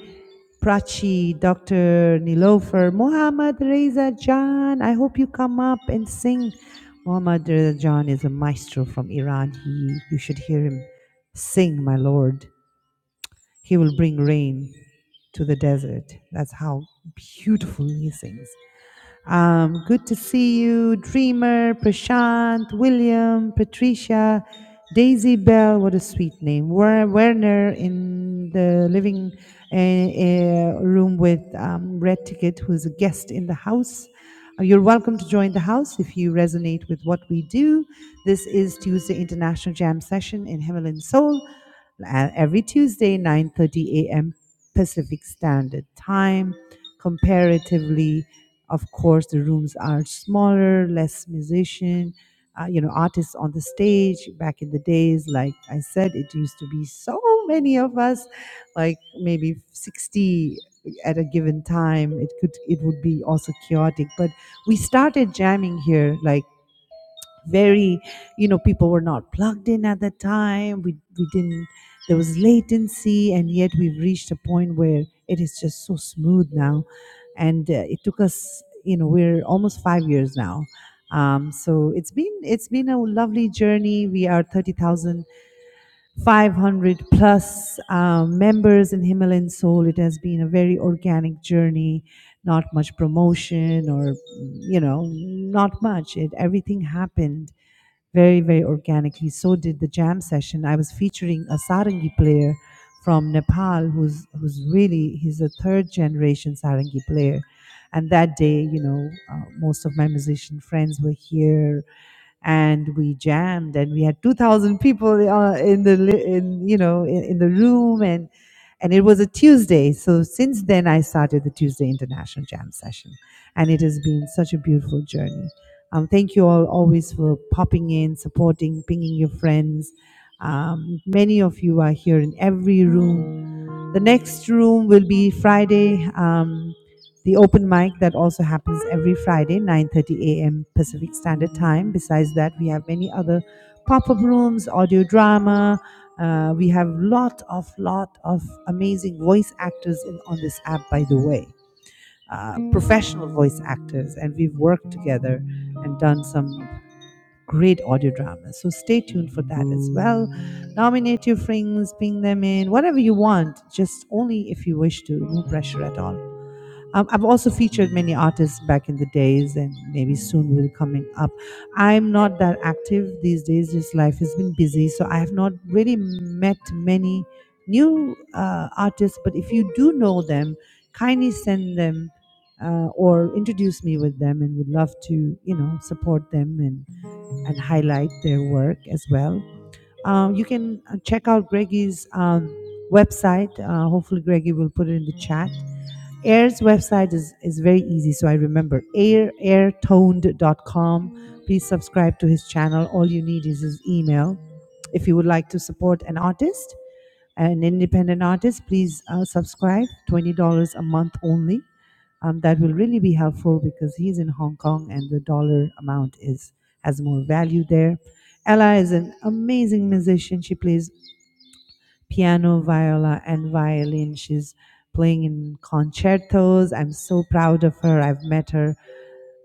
A: Prachi, Dr. Nilofer, Mohammad Reza Jan. I hope you come up and sing. Mohammad Reza Jan is a maestro from Iran. He, you should hear him sing, my lord. He will bring rain to the desert. That's how beautiful he sings. Um, good to see you, Dreamer, Prashant, William, Patricia, Daisy Bell. What a sweet name. Wer- Werner in the living uh, uh, room with um, Red Ticket, who's a guest in the house. Uh, You're welcome to join the house if you resonate with what we do. This is Tuesday International Jam Session in Himalayan Soul uh, every Tuesday, 9:30 a.m. Pacific Standard Time. Comparatively of course, the rooms are smaller, less musician, uh, you know, artists on the stage. Back in the days, like I said, it used to be so many of us, like maybe 60 at a given time. It could, it would be also chaotic, but we started jamming here like very you know people were not plugged in at the time we we didn't there was latency and yet we've reached a point where it is just so smooth now and uh, it took us you know we're almost 5 years now um, so it's been it's been a lovely journey we are 30,500 plus um, members in Himalayan Soul it has been a very organic journey not much promotion or you know not much it everything happened very, very organically. So did the jam session. I was featuring a sarangi player from Nepal, who's who's really he's a third generation sarangi player. And that day, you know, uh, most of my musician friends were here and we jammed and we had 2000 people uh, in the li- in you know in, in the room and and it was a tuesday so since then i started the tuesday international jam session and it has been such a beautiful journey um, thank you all always for popping in supporting pinging your friends um, many of you are here in every room the next room will be Friday, um, the open mic that also happens every Friday, 9:30 a.m. Pacific Standard Time. Besides that, we have many other pop-up rooms, audio drama. Uh, we have lot of lot of amazing voice actors in, on this app, by the way, uh, professional voice actors, and we've worked together and done some great audio dramas. So stay tuned for that as well. Nominate your friends, ping them in, whatever you want, just only if you wish to, no pressure at all. Um, I've also featured many artists back in the days, and maybe soon will coming up. I'm not that active these days; just life has been busy, so I have not really met many new uh, artists. But if you do know them, kindly send them uh, or introduce me with them, and would love to, you know, support them and and highlight their work as well. Um, you can uh, check out Greggy's um, website. Uh, hopefully, Greggy will put it in the chat. Air's website is, is very easy, so I remember air, airtoned.com. Please subscribe to his channel. All you need is his email. If you would like to support an artist, an independent artist, please uh, subscribe. $20 a month only. Um, that will really be helpful because he's in Hong Kong and the dollar amount is has more value there. Ella is an amazing musician. She plays piano, viola, and violin. She's playing in concertos. I'm so proud of her. I've met her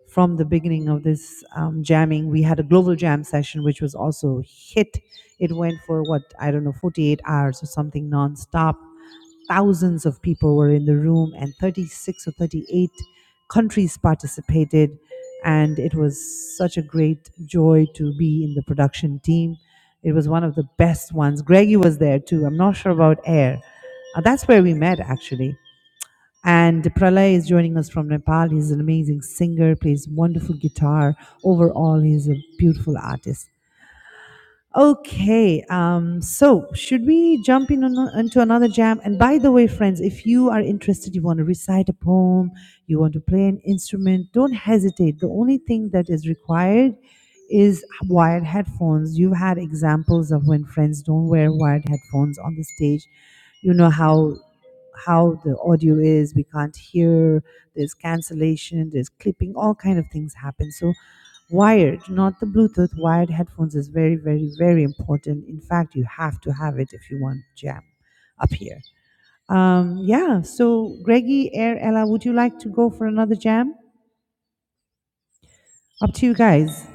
A: from the beginning of this um, jamming. We had a global jam session, which was also a hit. It went for what I don't know, 48 hours or something nonstop. Thousands of people were in the room, and 36 or 38 countries participated. And it was such a great joy to be in the production team. It was one of the best ones. Greggy was there too. I'm not sure about Air. Uh, that's where we met actually. And Pralay is joining us from Nepal. He's an amazing singer, plays wonderful guitar. Overall, he's a beautiful artist. Okay, um, so should we jump in on, into another jam? And by the way, friends, if you are interested, you want to recite a poem, you want to play an instrument, don't hesitate. The only thing that is required is wired headphones. You've had examples of when friends don't wear wired headphones on the stage. You know how how the audio is. We can't hear. There's cancellation. There's clipping. All kind of things happen. So wired, not the Bluetooth. Wired headphones is very, very, very important. In fact, you have to have it if you want jam up here. Um, yeah, so Greggy, Air, Ella, would you like to go for another jam? Up to you guys.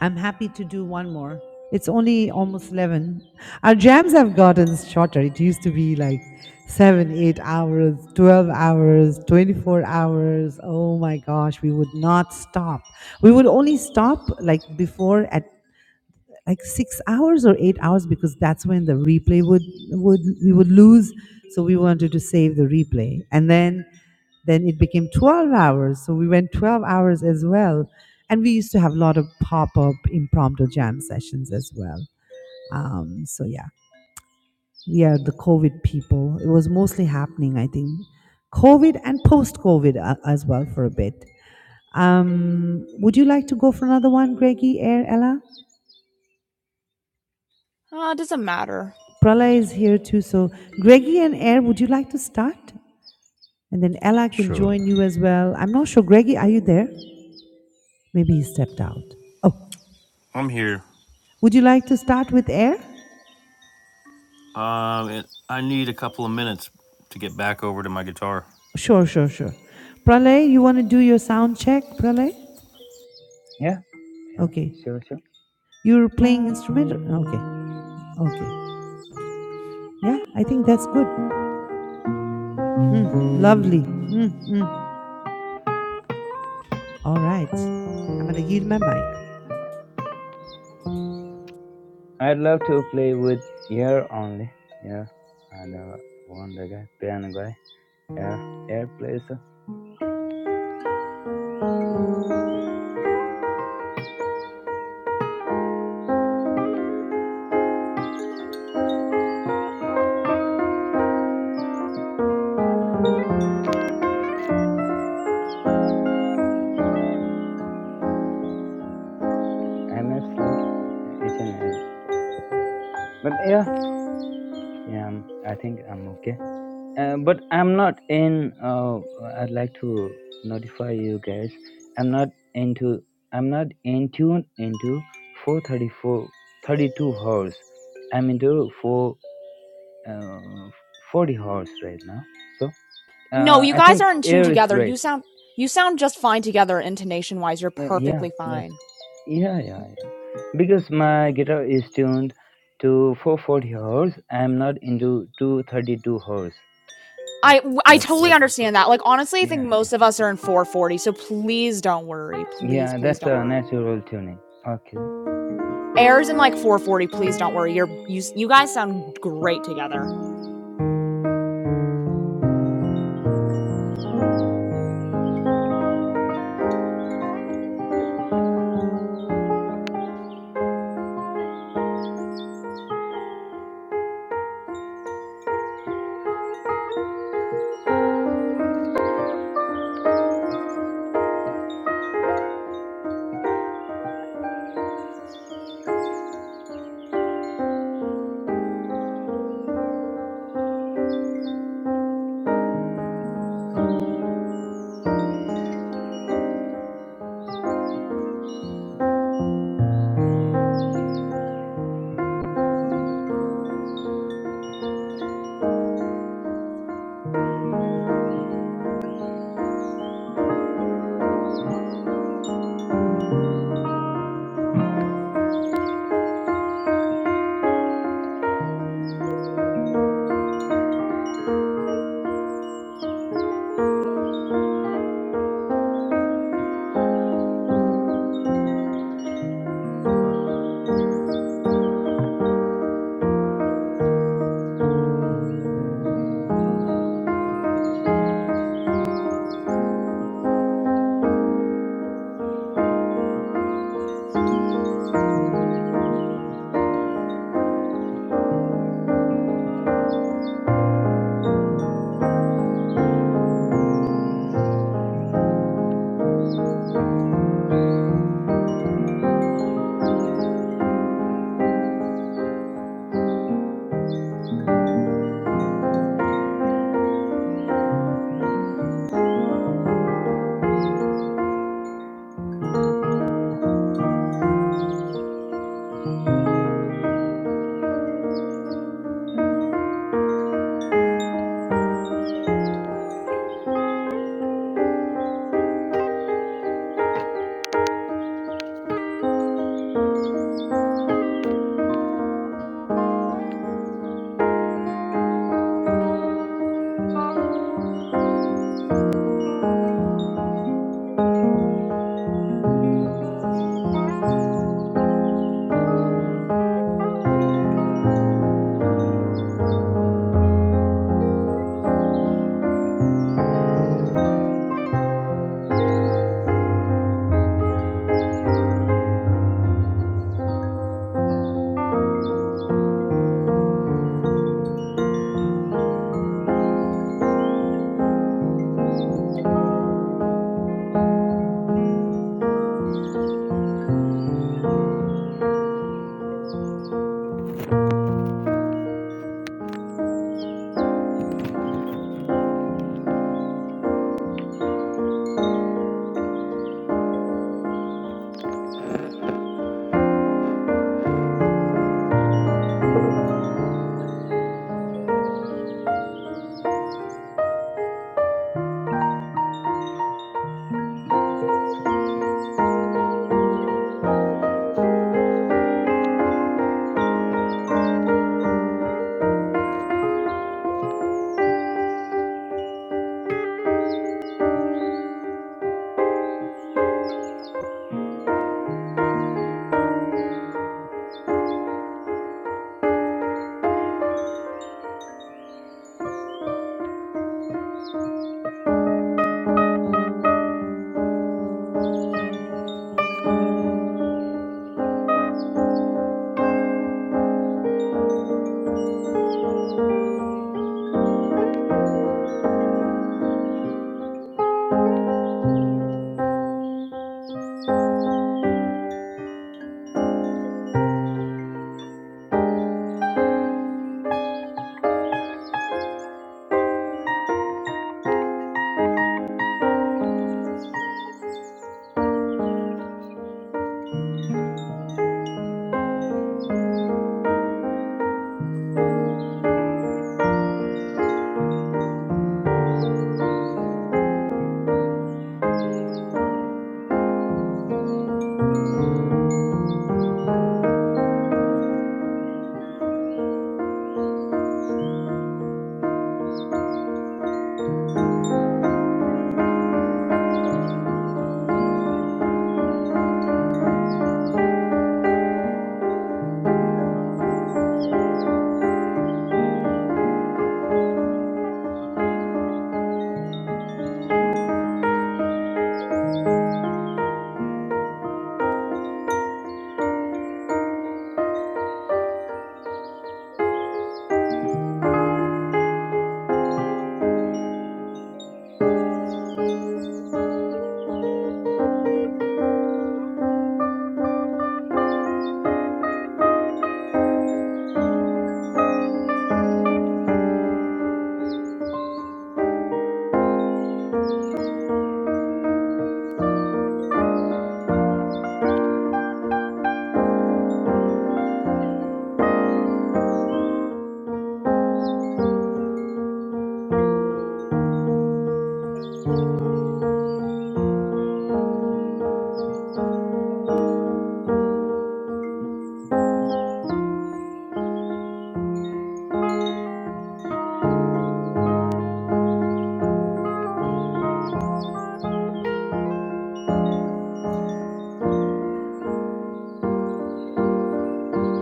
A: I'm happy to do one more. It's only almost 11. Our jams have gotten shorter. It used to be like 7, 8 hours, 12 hours, 24 hours. Oh my gosh, we would not stop. We would only stop like before at like six hours or eight hours because that's when the replay would would we would lose so we wanted to save the replay and then then it became 12 hours so we went 12 hours as well and we used to have a lot of pop-up impromptu jam sessions as well um, so yeah we are the covid people it was mostly happening i think covid and post-covid uh, as well for a bit um, would you like to go for another one greggy air ella
E: it doesn't matter.
A: Pralay is here too. So, Greggy and Air, would you like to start? And then Ella can
D: sure.
A: join you as well. I'm not sure. Greggy, are you there? Maybe he stepped out. Oh,
B: I'm here.
A: would you like to start with Air?
B: Um, and I need a couple of minutes to get back over to my guitar.
A: Sure, sure, sure. Pralay, you want to do your sound check, Pralay?
H: Yeah, yeah,
A: Okay.
H: sure, sure.
A: You're playing instrument? Okay. Okay. Yeah, I think that's good. Mm, lovely. Mm, mm. All right. I'm going to yield my mic.
H: I'd love to play with air only. Yeah, and uh, one the guy, piano guy. Yeah, Air plays. Uh, I may sleep uh, each and every. But yeah, yeah, i I think I'm okay. Uh, but I'm not in. Uh, I'd like to notify you guys. I'm not into. I'm not in tune into 434, 32 hours. I'm into four, uh, 40 hours right now. So.
E: No,
H: Uh,
E: you
H: I
E: guys
H: think
E: are
H: No,
E: in tune
H: air is
E: together. You
H: red.
E: sound you sound just fine together intonation wise. You're
H: Uh, yeah,
E: perfectly
H: that's
E: fine.
H: yeah, yeah, yeah. Because my guitar is tuned to 440 hertz. I'm not into 232 hertz. That's
E: I I
H: that's
E: totally
H: what. I,
E: understand.
H: yeah, yeah, yeah. That's a natural tuning. Okay,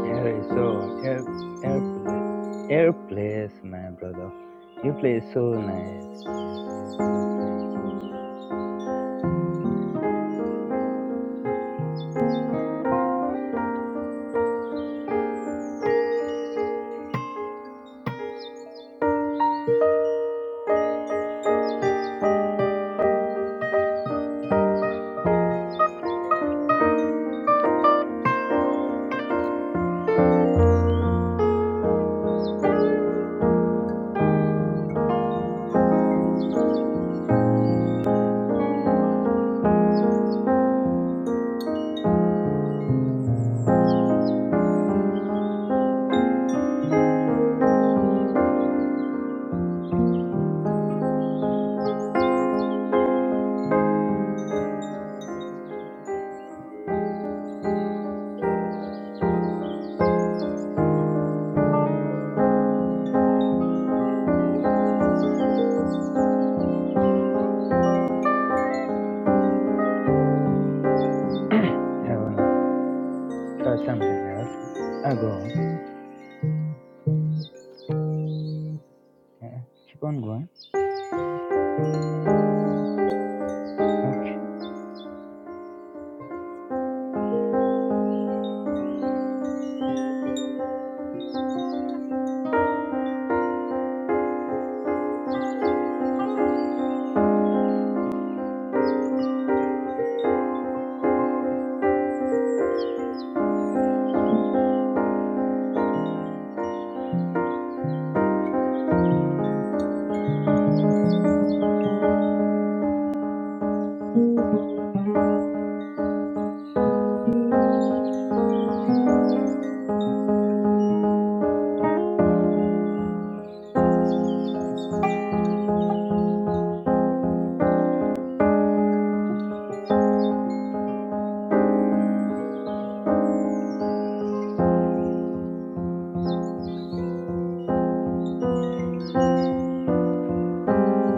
H: here is so air air play, air plays, my brother. You play so nice. Yeah, yeah, you're playing so good. I wanna try something else. I go on. Yeah, keep on going. Okay.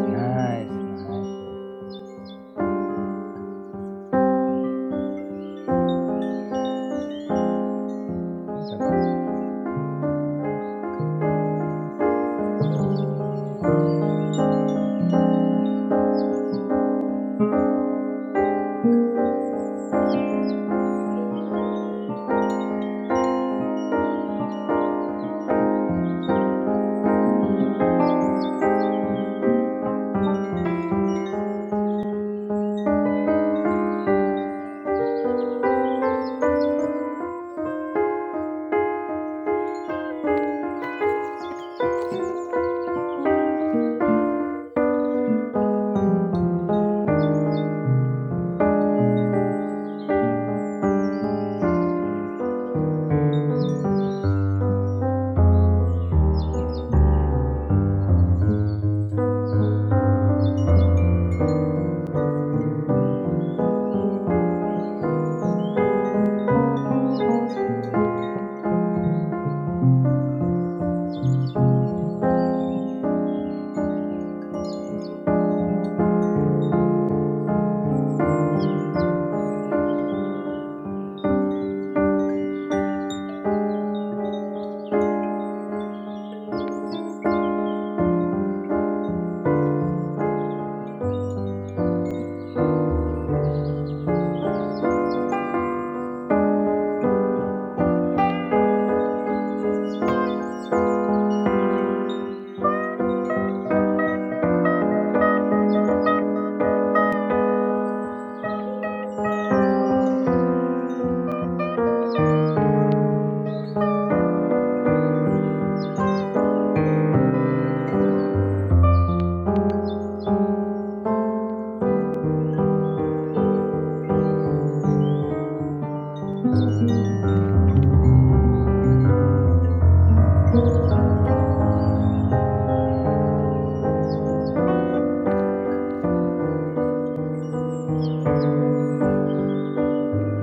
H: Nice, nice, nice. What a beautiful,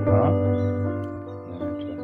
H: huh? You wanna try?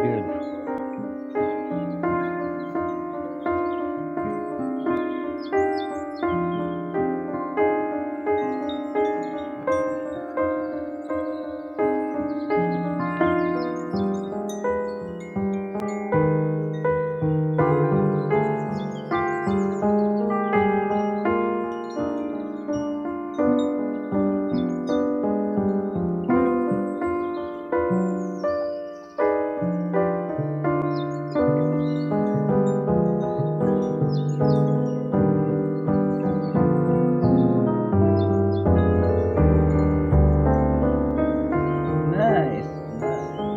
H: Beautiful. Nice, nice.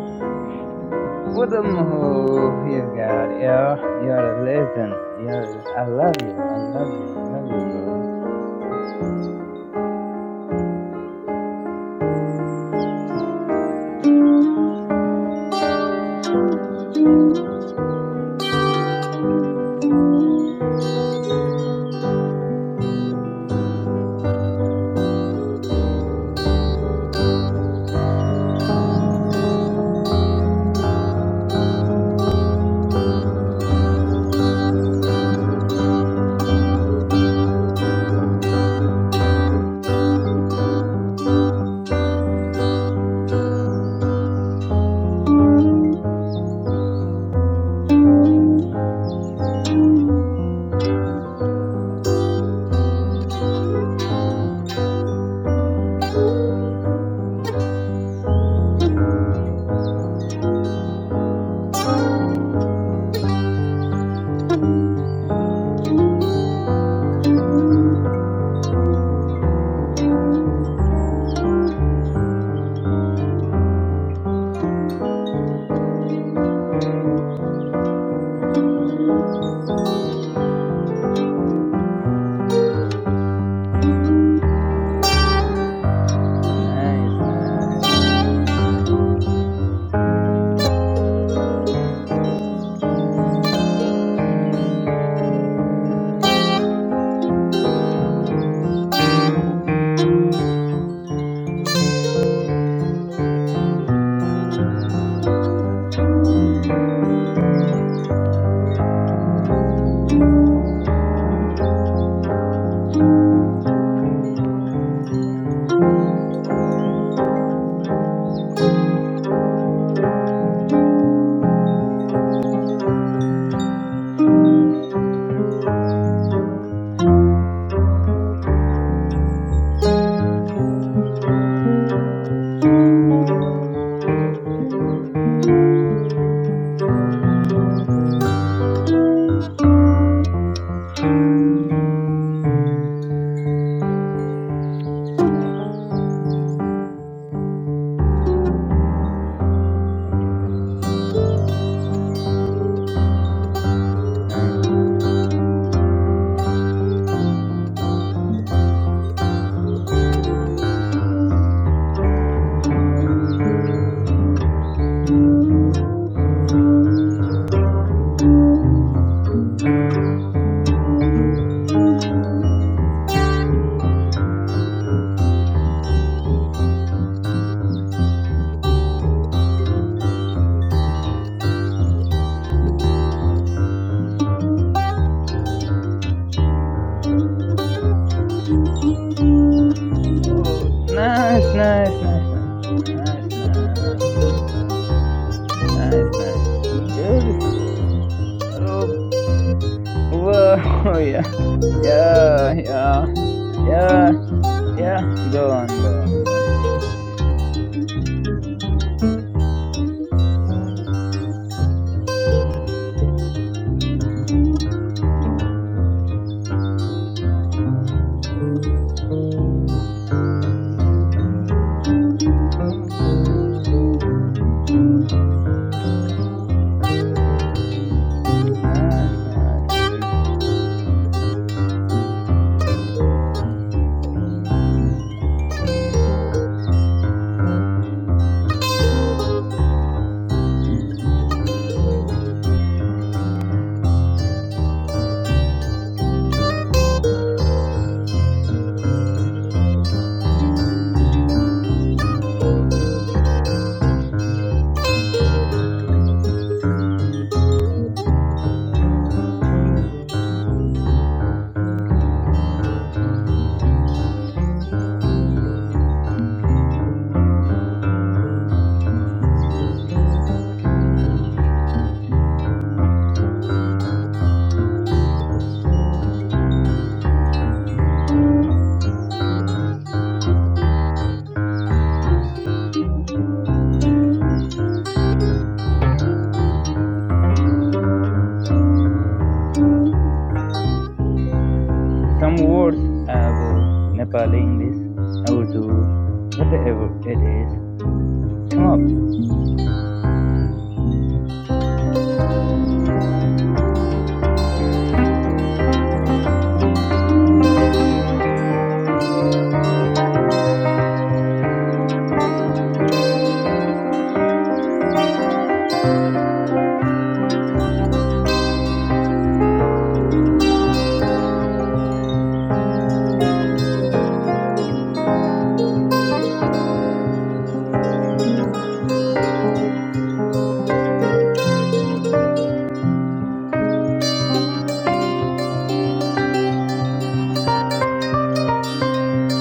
H: What a move you got, yo. You're a legend. You're, I love you. I love you. I love you, bro. Nice, nice, nice, nice. Oh, okay. Nice, nice. Oh, nice, nice, nice, nice, nice, nice, nice, nice. nice. Beautiful. Oh, Whoa, *laughs* yeah, yeah, yeah, yeah, yeah. Go on, go on, go on. Nice, nice, beautiful. Some words about Nepali English, Urdu, whatever it is, come up.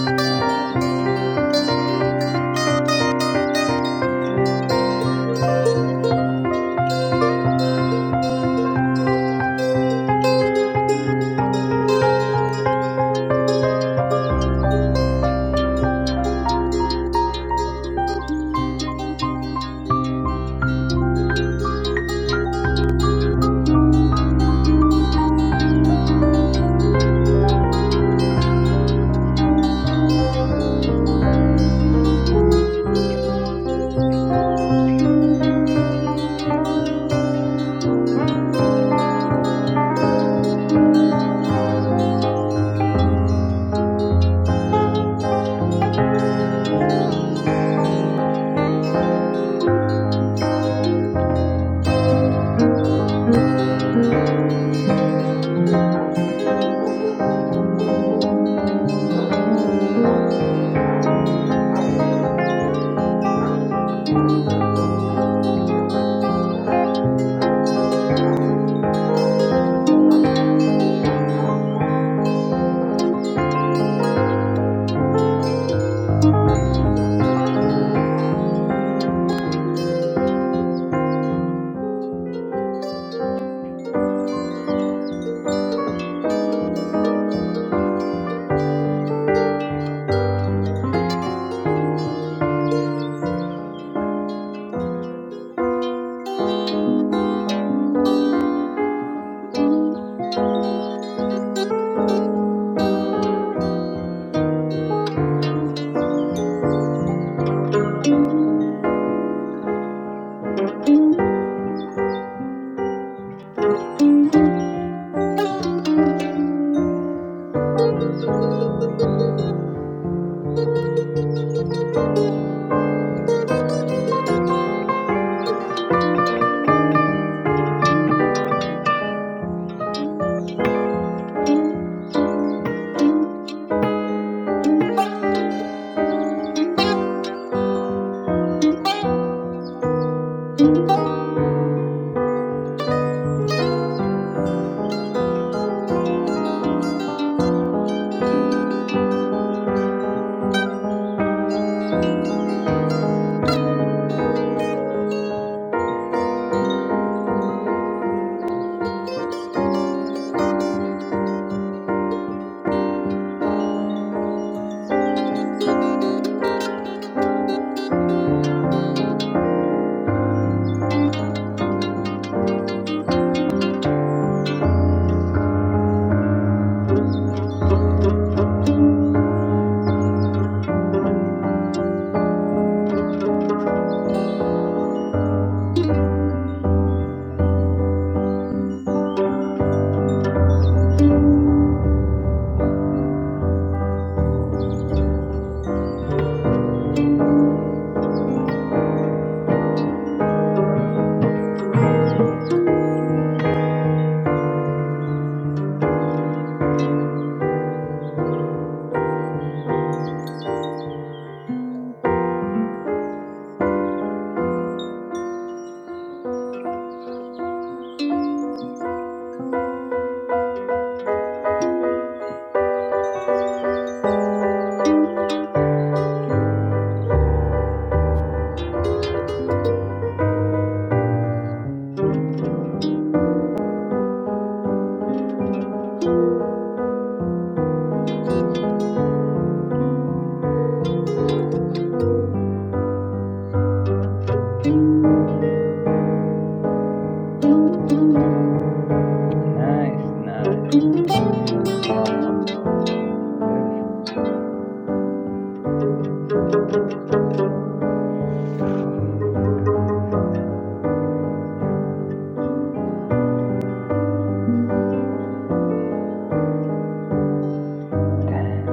H: Nice, nice, nice, nice. Wow, wow, wow. Beautiful, beautiful. *laughs* okay, yeah. Damn.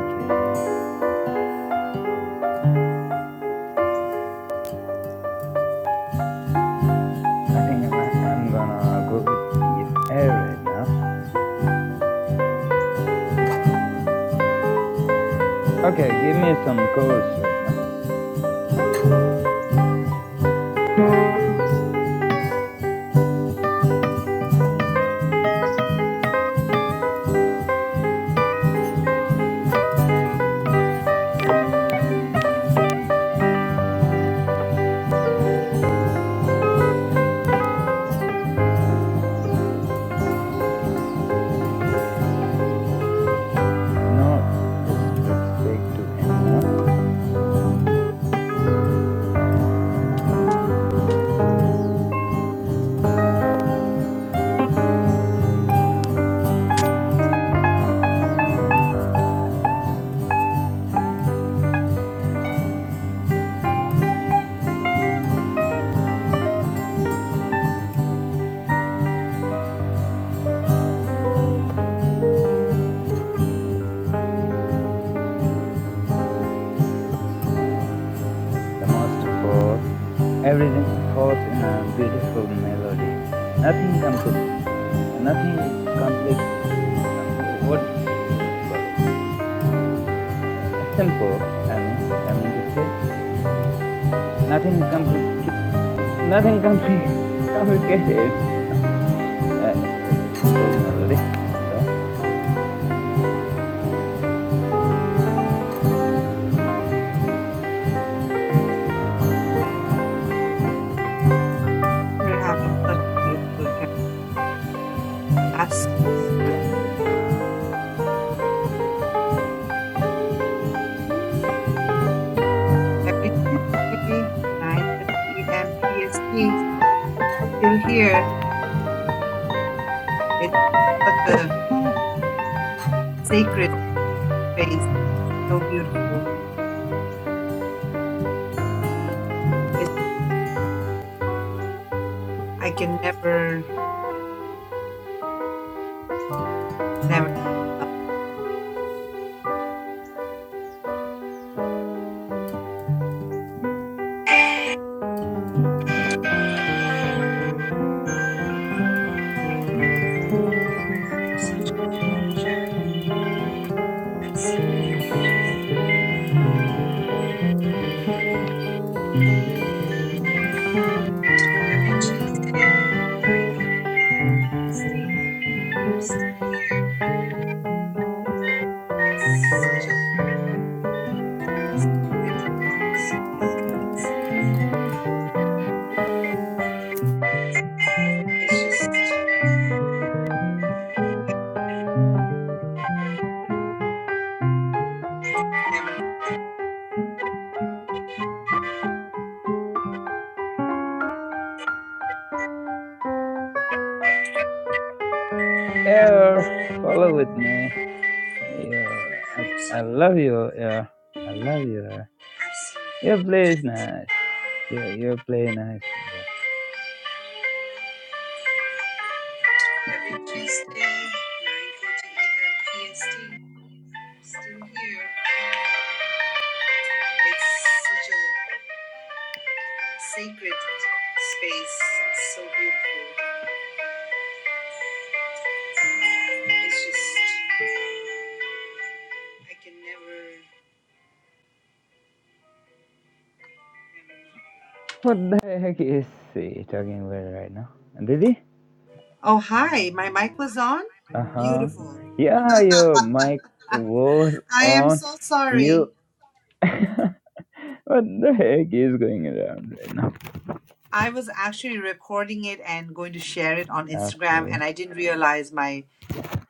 H: Okay. I think I'm, I'm gonna go with yeah, air right now. Okay, give me some course right now. No disrespect to anyone. The most of all, everything falls in a beautiful melody. Nothing complete, nothing complex. Uh, wh- what do I call it? Uh, Simple. I mean, I mean to say nothing complicated. Nothing compli *laughs* complicated. *laughs* you know. Uh, it's a simple melody. So,
A: We're having such a beautiful chat. Absolutely gorgeous. every Tuesday, 9:30 a.m. PST. Still here. It's such a sacred space, so
H: uh
A: beautiful. It's, I can never, never love.
H: yeah, follow with me. Yeah, I,
A: so
H: I love you. Yeah, I love you. Yeah.
A: I've seen
H: Your play is nice. Yeah, your play nice,
A: people
H: bro.
A: every Tuesday, 9:40 a.m. Still here. It's such a sacred space. So beautiful. It's just I can never.
H: What the heck is he talking about right now? Did he?
A: Oh hi, my mic was on.
H: Uh huh.
A: Beautiful.
H: Yeah, your mic was
A: I am
H: on.
A: so
H: You.
A: sorry.
H: *laughs* What the heck is going around right now?
A: I was actually recording it and going to share it on Instagram,
H: Okay.
A: and I didn't realize my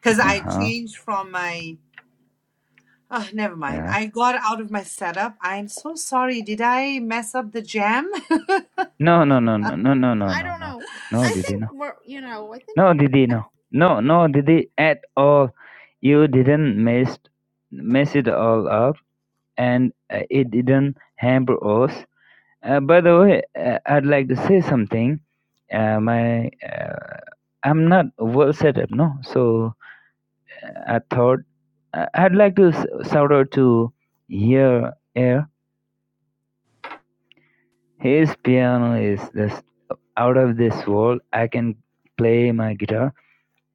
A: because
H: Uh
A: I
H: huh.
A: changed from my Oh, never mind.
H: Yeah.
A: I got out of my setup. I'm so sorry. Did I mess up the jam?
H: No, no, no, no, no, no, no,
E: I
H: no,
E: don't
H: no.
E: know.
H: No,
E: I
H: Didi,
E: think
H: no.
E: we're, you know, I think
H: No, Didi,
E: I
H: no. No, no, Didi, at all. You didn't mess, mess it all up and uh, it didn't hamper us. Uh, by the way, uh, I'd like to say something. Uh, my, uh, I'm not well set up, no? So I thought I- I'd like to s- shout out to Here Air. His piano is just out of this world. I can play my guitar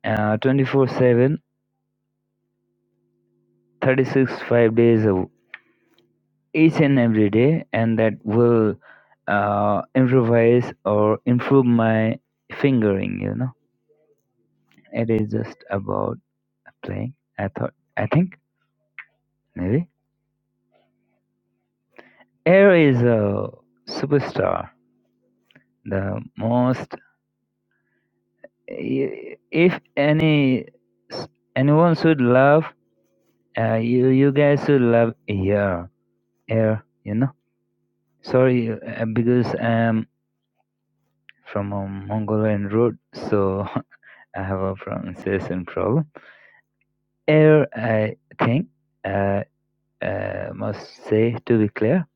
H: uh, 24 seven, thirty 5 days a week each and every day, and that will uh, improvise or improve my fingering. You know, it is just about playing. I thought, I think maybe Air is a superstar. The most, if any, anyone should love, uh, you you guys should love Air. Air, you know. Sorry, uh, because I'm from a Mongolian root, so *laughs* I have a pronunciation problem air uh, thing, uh, uh, must say to be clear,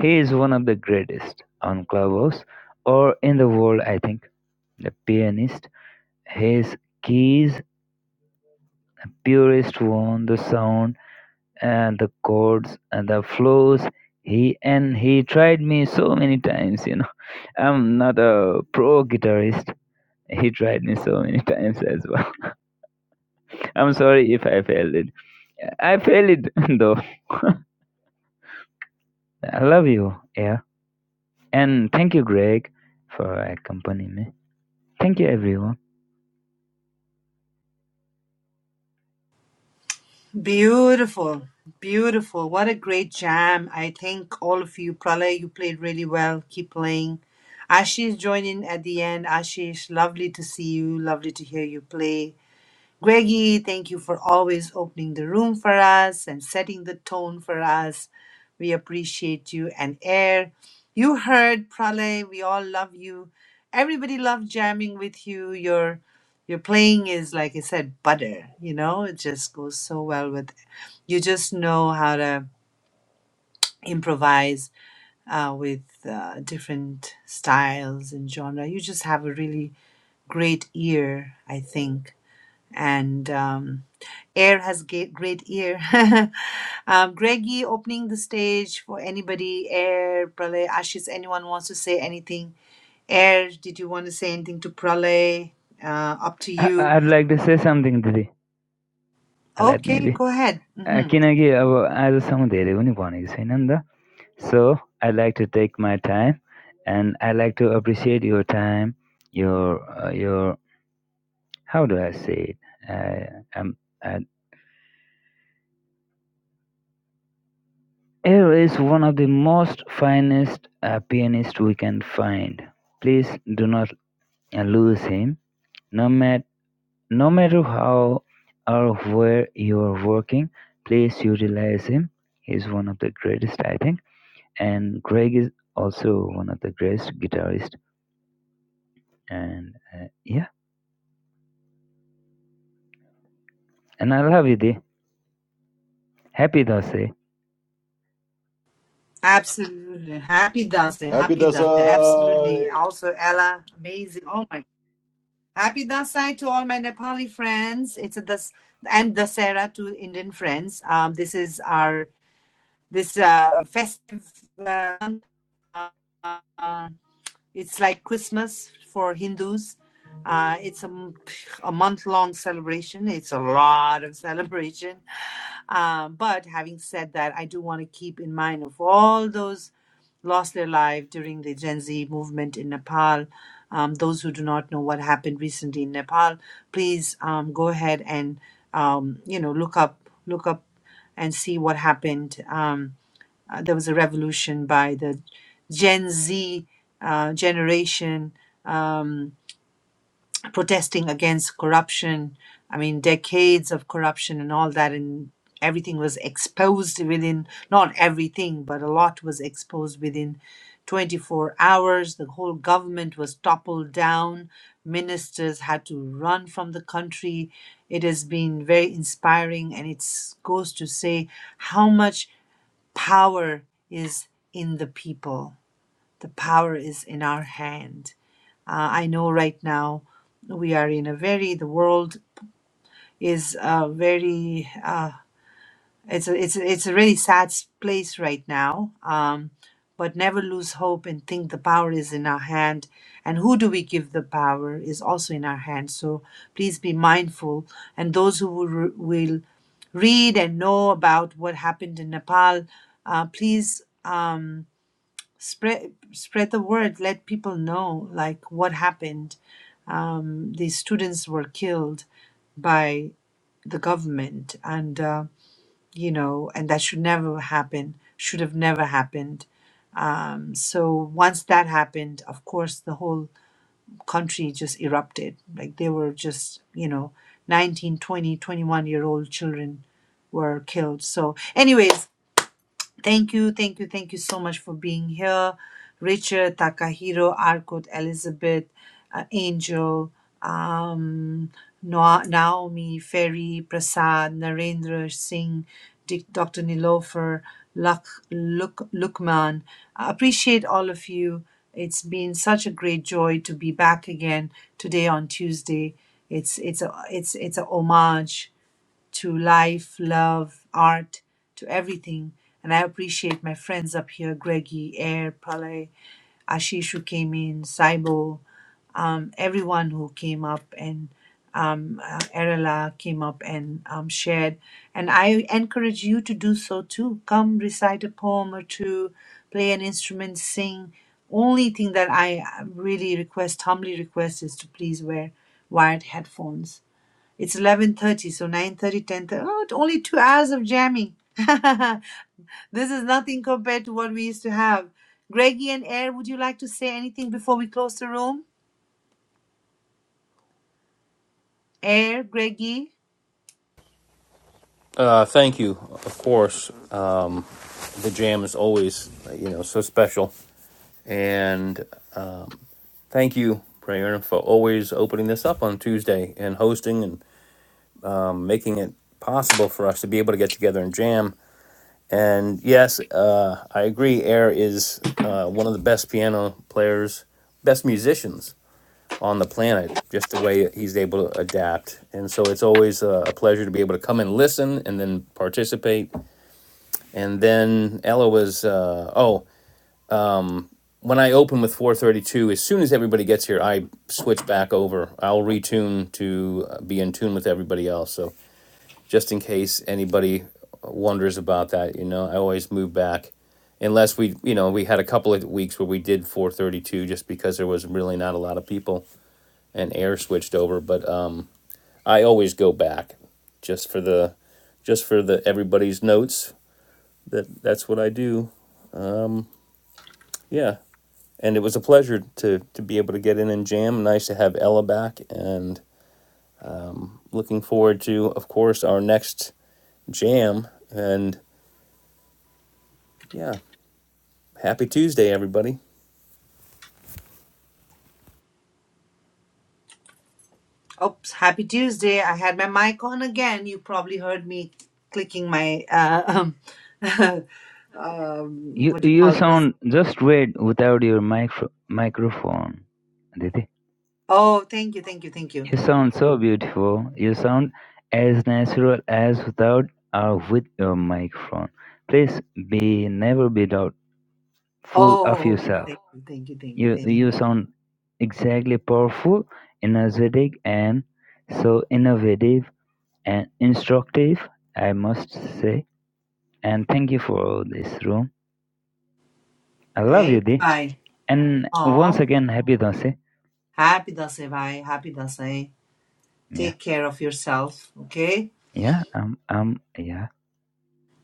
H: he is one of the greatest on Clubhouse or in the world, I think. The pianist, his keys, purest one, the sound and the chords and the flows. He and he tried me so many times, you know. I'm not a pro guitarist. He tried me so many *laughs* times as well. *laughs* I'm sorry if I failed it. I failed it *laughs* though. I love you, Yeah. And thank you, Greg, for accompanying me. Thank you, everyone.
A: *laughs* Beautiful. Beautiful. What a great jam. I thank all of you. Pralay, you played really well. Keep playing. Ashish joined in at the end. Ashish, lovely to see you. Lovely to hear you play. Greggy, thank you for always opening the room for us and setting the tone for us. We appreciate you and Air. You heard Pralay, we all love you. Everybody loved jamming with you. Your your playing is like I said, butter, you know, it just goes so well with you just know how to improvise uh, with uh, different styles and genre. You just have a really great ear, I think and um, air has ga- great ear. *laughs* um, Greggy opening the stage for anybody. Air, Pralay, Ashish, anyone wants to say anything? Air, did you want to say anything to Pralay? Uh, up to
H: I-
A: you.
H: I'd like to say something Didi. Let me
A: Okay,
H: be.
A: go ahead.
H: Uh,
A: hmm
H: किनकि अब आजसम्म धेरै पनि भनेको छैन नि त would like to take my time, and I'd like to appreciate your time, your uh, your how do I say it? Uh, um, uh, Air is one of the most finest uh, pianist we can find. Please do not uh, lose him. No matter No matter how or where you're working, please utilize him. He's one of the greatest, I think. And Greg is also one of the greatest guitarist. And uh, yeah, and I love you, Di. Happy Dase.
A: Absolutely. Happy Dasai.
I: Happy
A: Happy Dasai. Absolutely.
I: Dasai!
A: Also, Ella, amazing. Oh my. Happy Dasai to all my Nepali friends. It's a das and Dasera to Indian friends. Um, this is our this uh, festive. Uh, uh, it's like Christmas for Hindus. Uh, it's a month long celebration. It's a lot of *laughs* celebration. Um, but having said that, I do want to keep in mind of all those lost their life during the Gen Z movement in Nepal. Um, those who do not know what happened recently in Nepal, please um, go ahead and um, you know look up look up and see what happened. Um, uh, there was a revolution by the Gen Z uh, generation um, protesting against corruption. I mean, decades of corruption and all that, and everything was exposed within, not everything, but a lot was exposed within 24 hours. The whole government was toppled down. Ministers had to run from the country. It has been very inspiring, and it goes to say how much power is in the people. The power is in our hand. Uh, I know right now we are in a very, the world is a very, uh, it's, a, it's, a, it's a really sad place right now. Um, but never lose hope and think the power is in our hand. And who do we give the power is also in our hand. So please be mindful. And those who will, will read and know about what happened in Nepal, uh, please. uh, spread spread the word let people know like what happened um, these students were killed by the government and uh, you know and that should never happen should have never happened um, so once that happened of course the whole country just erupted like they were just you know 19, 20, 21 year old children were killed so anyways Thank you, thank you, thank you so much for being here. Richard, Takahiro, Arkut, Elizabeth, uh, Angel, um, Noa- Naomi, Ferry, Prasad, Narendra Singh, Dic- Dr. Nilofer, Luk, Luk, Lukman. I appreciate all of you. It's been such a great joy to be back again today on Tuesday. It's it's a it's it's a homage to life, love, art, to everything. And I appreciate my friends up here, Greggy, Air, Palay, Ashish who came in, Saibo, um, everyone who came up and um, uh, Erela came up and um, shared. And I encourage you to do so too. Come recite a poem or two, play an instrument, sing. Only thing that I uh, really request, humbly request, is to please wear wired headphones it's 11:30, so nine thirty, ten thirty. Oh, only two hours of jamming. *laughs* this is nothing compared to what we used to have. Greggy and Air, would you like to say anything before we close the room? Air, Greggy.
B: Uh, thank you. Of course. Um, the jam is always, you know, so special. And um, thank you, Prayerna, for always opening this up on Tuesday and hosting and making it possible for us to be able to get together and jam. And yes, uh, I agree. Air is uh, one of the best piano players, best musicians on the planet. Just the way he's able to adapt, and so it's always a, a pleasure to be able to come and listen, and then participate. And then Ella was, uh, oh, when I open with 432, as soon as everybody gets here, I switch back over. I'll retune to uh, be in tune with everybody else. So just in case anybody wonders about that. You know, I always move back unless we, you know, we had a couple of weeks where we did 432 just because there was really not a lot of people and air switched over. But um, I always go back just for the, just for the everybody's notes. That that's what I do. Yeah, and it was a pleasure to to be able to get in and jam. Nice to have Ella back, and looking forward to, of course, our next jam. And yeah, Happy Tuesday, everybody.
A: Oops, happy Tuesday. I had my mic on again. You probably heard me clicking my uh, um, *laughs* um
H: You
A: what do you
H: you
A: call those?
H: sound just great without your micro microphone, Didi.
A: Oh, thank you, thank you, thank you.
H: You sound so beautiful. You sound as natural as without or with your microphone. Please be never be doubt full of
A: Oh,
H: yourself.
A: thank you, thank you, thank you,
H: You
A: thank you.
H: you sound exactly powerful, energetic, and so innovative and instructive. I must say, and thank you for this room. I love
A: Thank
H: you,
A: you,
H: Di.
A: bye.
H: And once
A: Oh,
H: again, happy Dasi.
A: happy Dasai, bye. Happy Dasai.
H: Yeah,
A: Take care of yourself, okay?
H: yeah, um, um, yeah.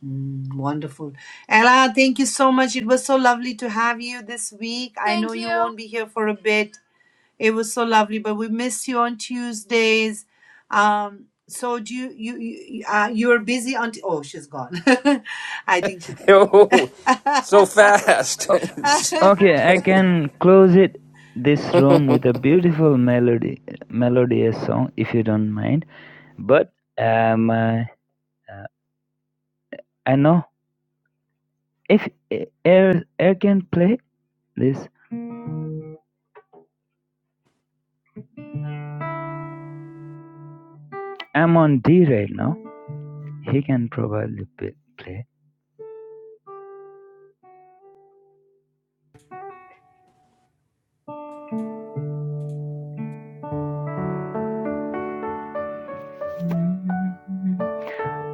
A: Mm, wonderful. Ella, thank you so much. It was so lovely to have you this week. I know
E: Thank
A: you
E: you.
A: won't be here for a bit. It was so lovely, but we miss you on Tuesdays. Um, so do you you you uh, you're busy on t- oh she's gone. *laughs* I think she
B: *laughs* Yo, so
H: O-
B: fast. *laughs*
H: okay,
A: *laughs*
H: I can close it this room with a beautiful melody, melodious song, if you don't mind. But um, uh, I know if eh, air air can play this I'm on D right now. He can probably p- play.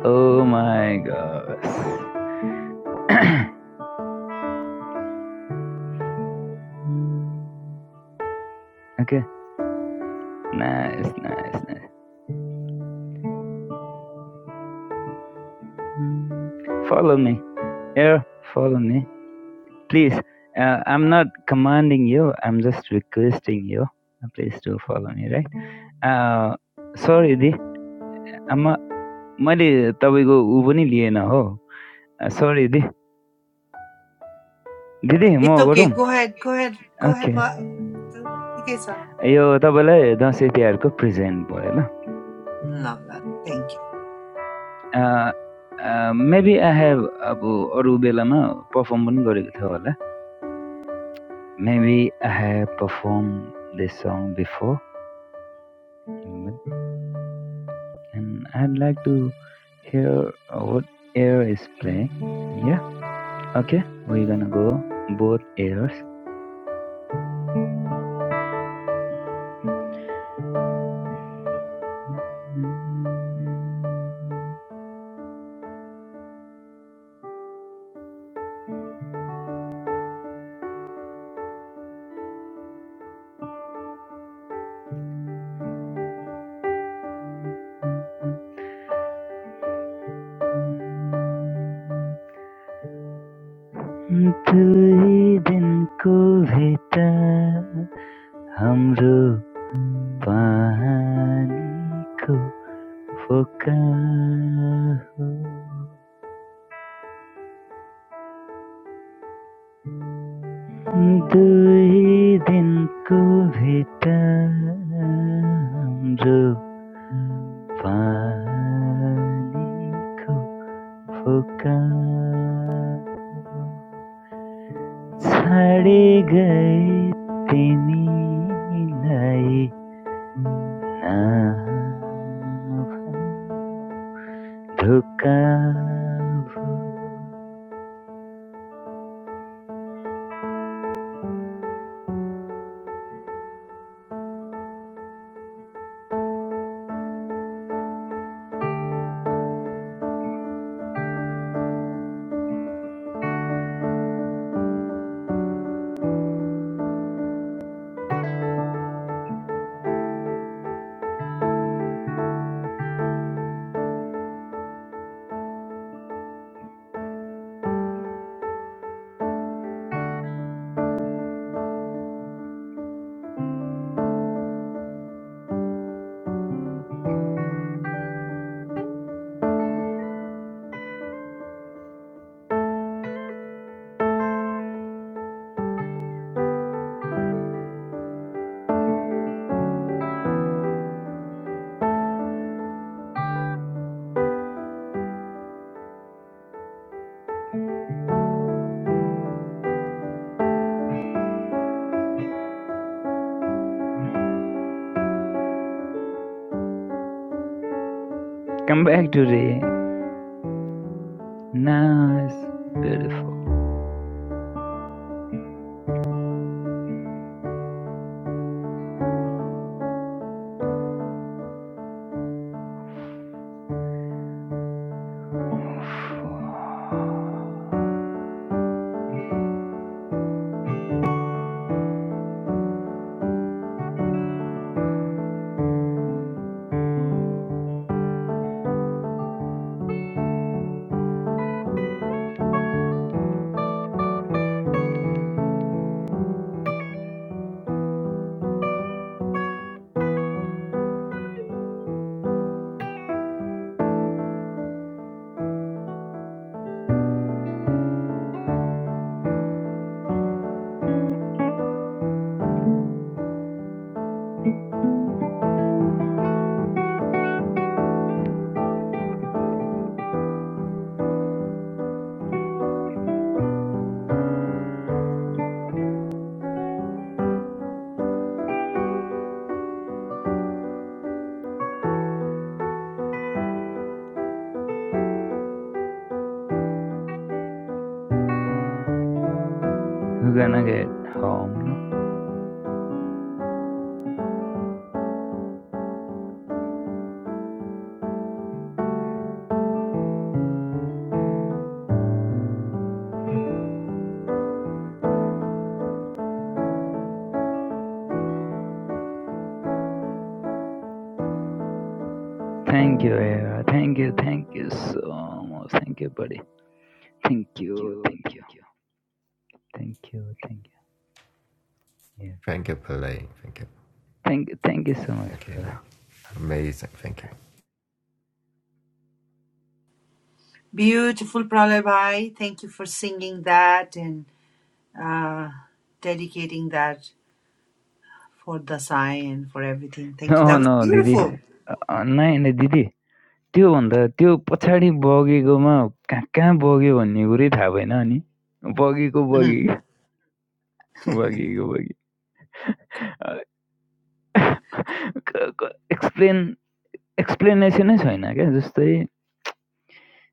H: Oh my gosh. Okay. Nice, nice, nice. Follow me. Yeah, follow me. Please. Uh, I'm not commanding you. I'm just requesting you. Uh, Please do follow me, right? Uh, sorry, Di. I'm मैले तपाईँको ऊ पनि lien हो सरी दि दिदी म
A: It's okay.
H: गरौँ
A: Go ahead. Go ahead. Go
H: okay
A: ahead. Ba- you guys are-
H: यो तपाईँलाई दसैँ तिहारको प्रेजेन्ट भयो ल
A: No, no. Thank you.
H: Maybe I have abu oru belema performed this gorigutha orala. Maybe I have performed this song before, and I'd like to hear what ear is playing. Yeah. Okay. We're gonna go both ears. Dukaan ho, dohi din ko bataam jo vani ko dukaan ho, chhade gaye tinne lai naamhan dukaan ho. Come back today. Nice, beautiful. We're gonna get home now. Thank you, Era. Thank you, thank you so much. Thank you, buddy. Thank
D: Thank
H: you,
D: you.
H: thank you,
D: Thank you.
H: thank you, thank you. Yeah.
D: Thank you, Pele. Thank you.
H: Thank, thank you so much,
D: Thank you.
H: brother.
D: Amazing. Thank you.
A: Beautiful Pralay Bhai. Thank you for singing that and uh, dedicating that for Dasai and for everything. Thank you.
H: No,
A: That was
H: no, Didi.
A: beautiful.
H: Nine दिदी त्योभन्दा त्यो भन्दा त्यो पछाडि बगेकोमा कहाँ कहाँ बग्यो भन्ने कुरै थाहा भएन अनि बगेको बगी
A: Mhm.
H: बगेको बगी एक्सप्लेन एक्सप्लेनेसनै छैन क्या जस्तै *laughs*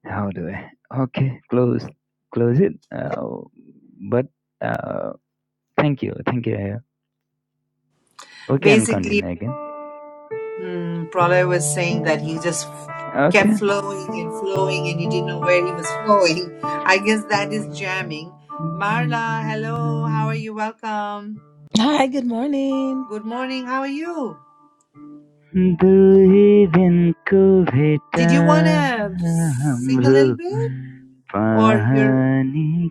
H: How do I? Okay, close, close it. Uh, but uh, thank you, thank you. yeah. We can
A: Basically,
H: continue again.
A: mm, Pralay was saying that he just f- kept
H: Okay.
A: flowing and flowing and he didn't know where he was flowing. *laughs* I guess that is jamming. Marla, hello. How are you? Welcome.
J: Hi, good morning.
A: Good morning. How are you?
H: दुई दिनको भेटा
A: Did you want to sing a little
H: हाम्रो
A: bit or you're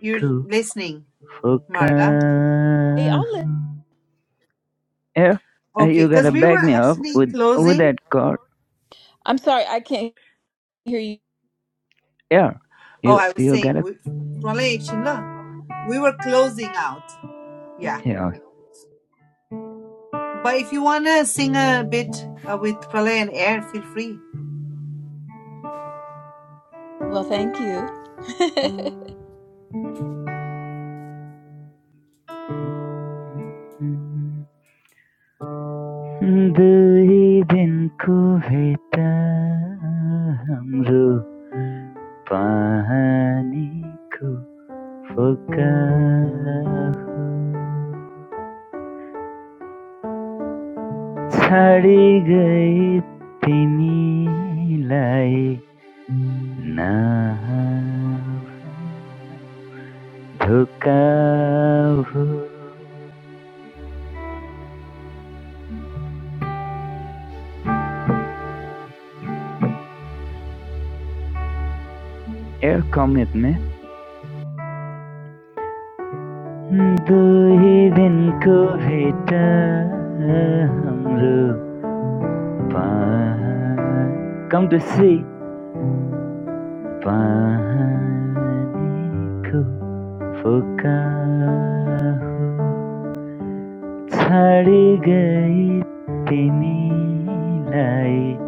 A: you're listening,
H: फोका
A: Marla?
J: Hey, I'll
H: हो।
J: let
H: Yeah, uh,
A: Okay,
H: you
A: cuz
H: gotta
A: we were
H: back me up
A: actually
H: with with
A: closing
H: that chord.
J: I'm sorry, I can't hear you.
H: Yeah,
A: Oh,
H: you
A: I was
H: you
A: saying
H: gotta
A: we Pralay Chilla. We were closing out. Yeah.
H: yeah.
A: But if you wanna sing a bit uh, with Pralay and Air, feel free.
J: Well, thank you. *laughs*
H: Doi din ko heta hamro pani ko phuka, chardi gaye timi lai naavanu dhuka ho. Air commit me. Doi din ko heta hamro. Pan, Come to see, panicu, phukahu, chali gay, timilai,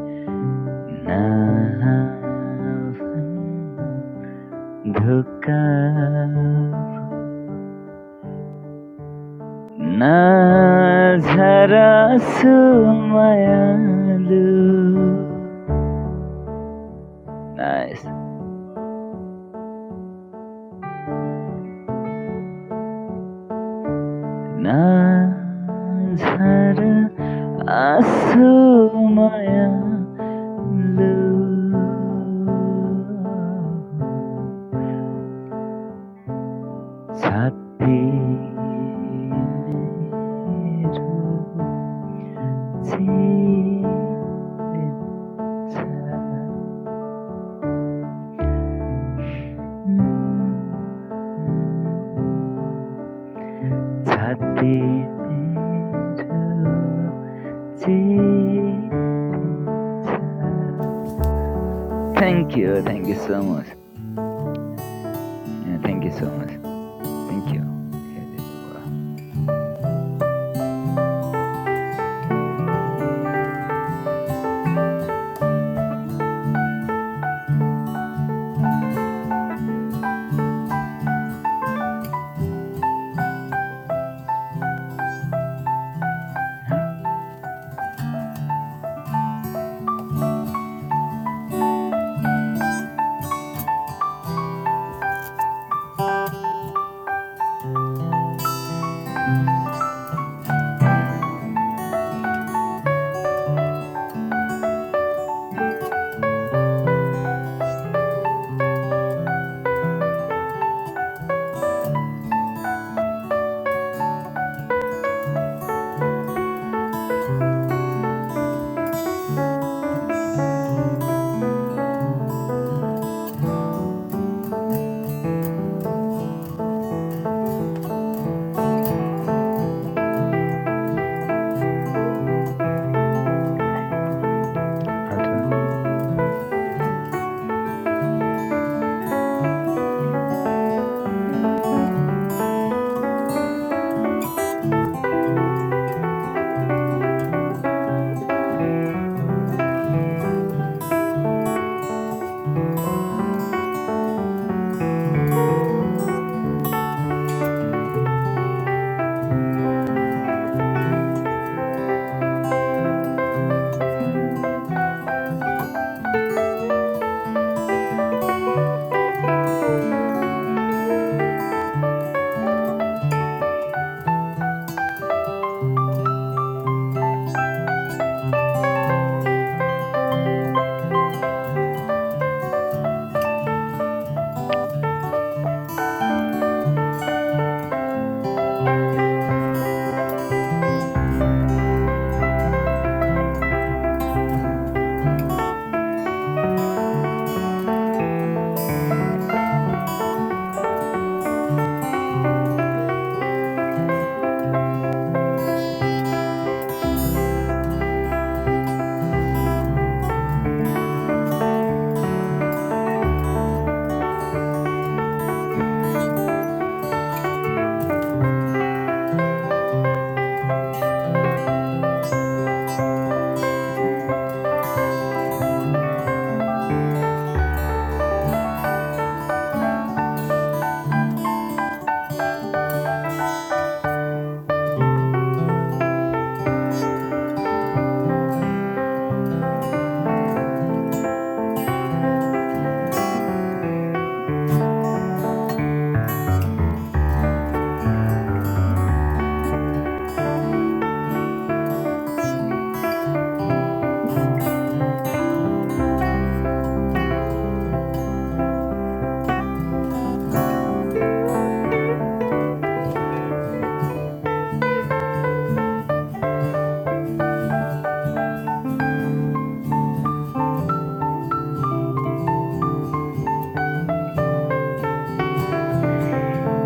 H: naavanu, dhukabu, nazarasumalu, nice, nazar. আসময়া লো ছাতি मेरो जीवन छ छाती मेरो Thank you, thank you so much. Yeah, thank you so much. Thank you. Yeah, did well. Huh? I'll try.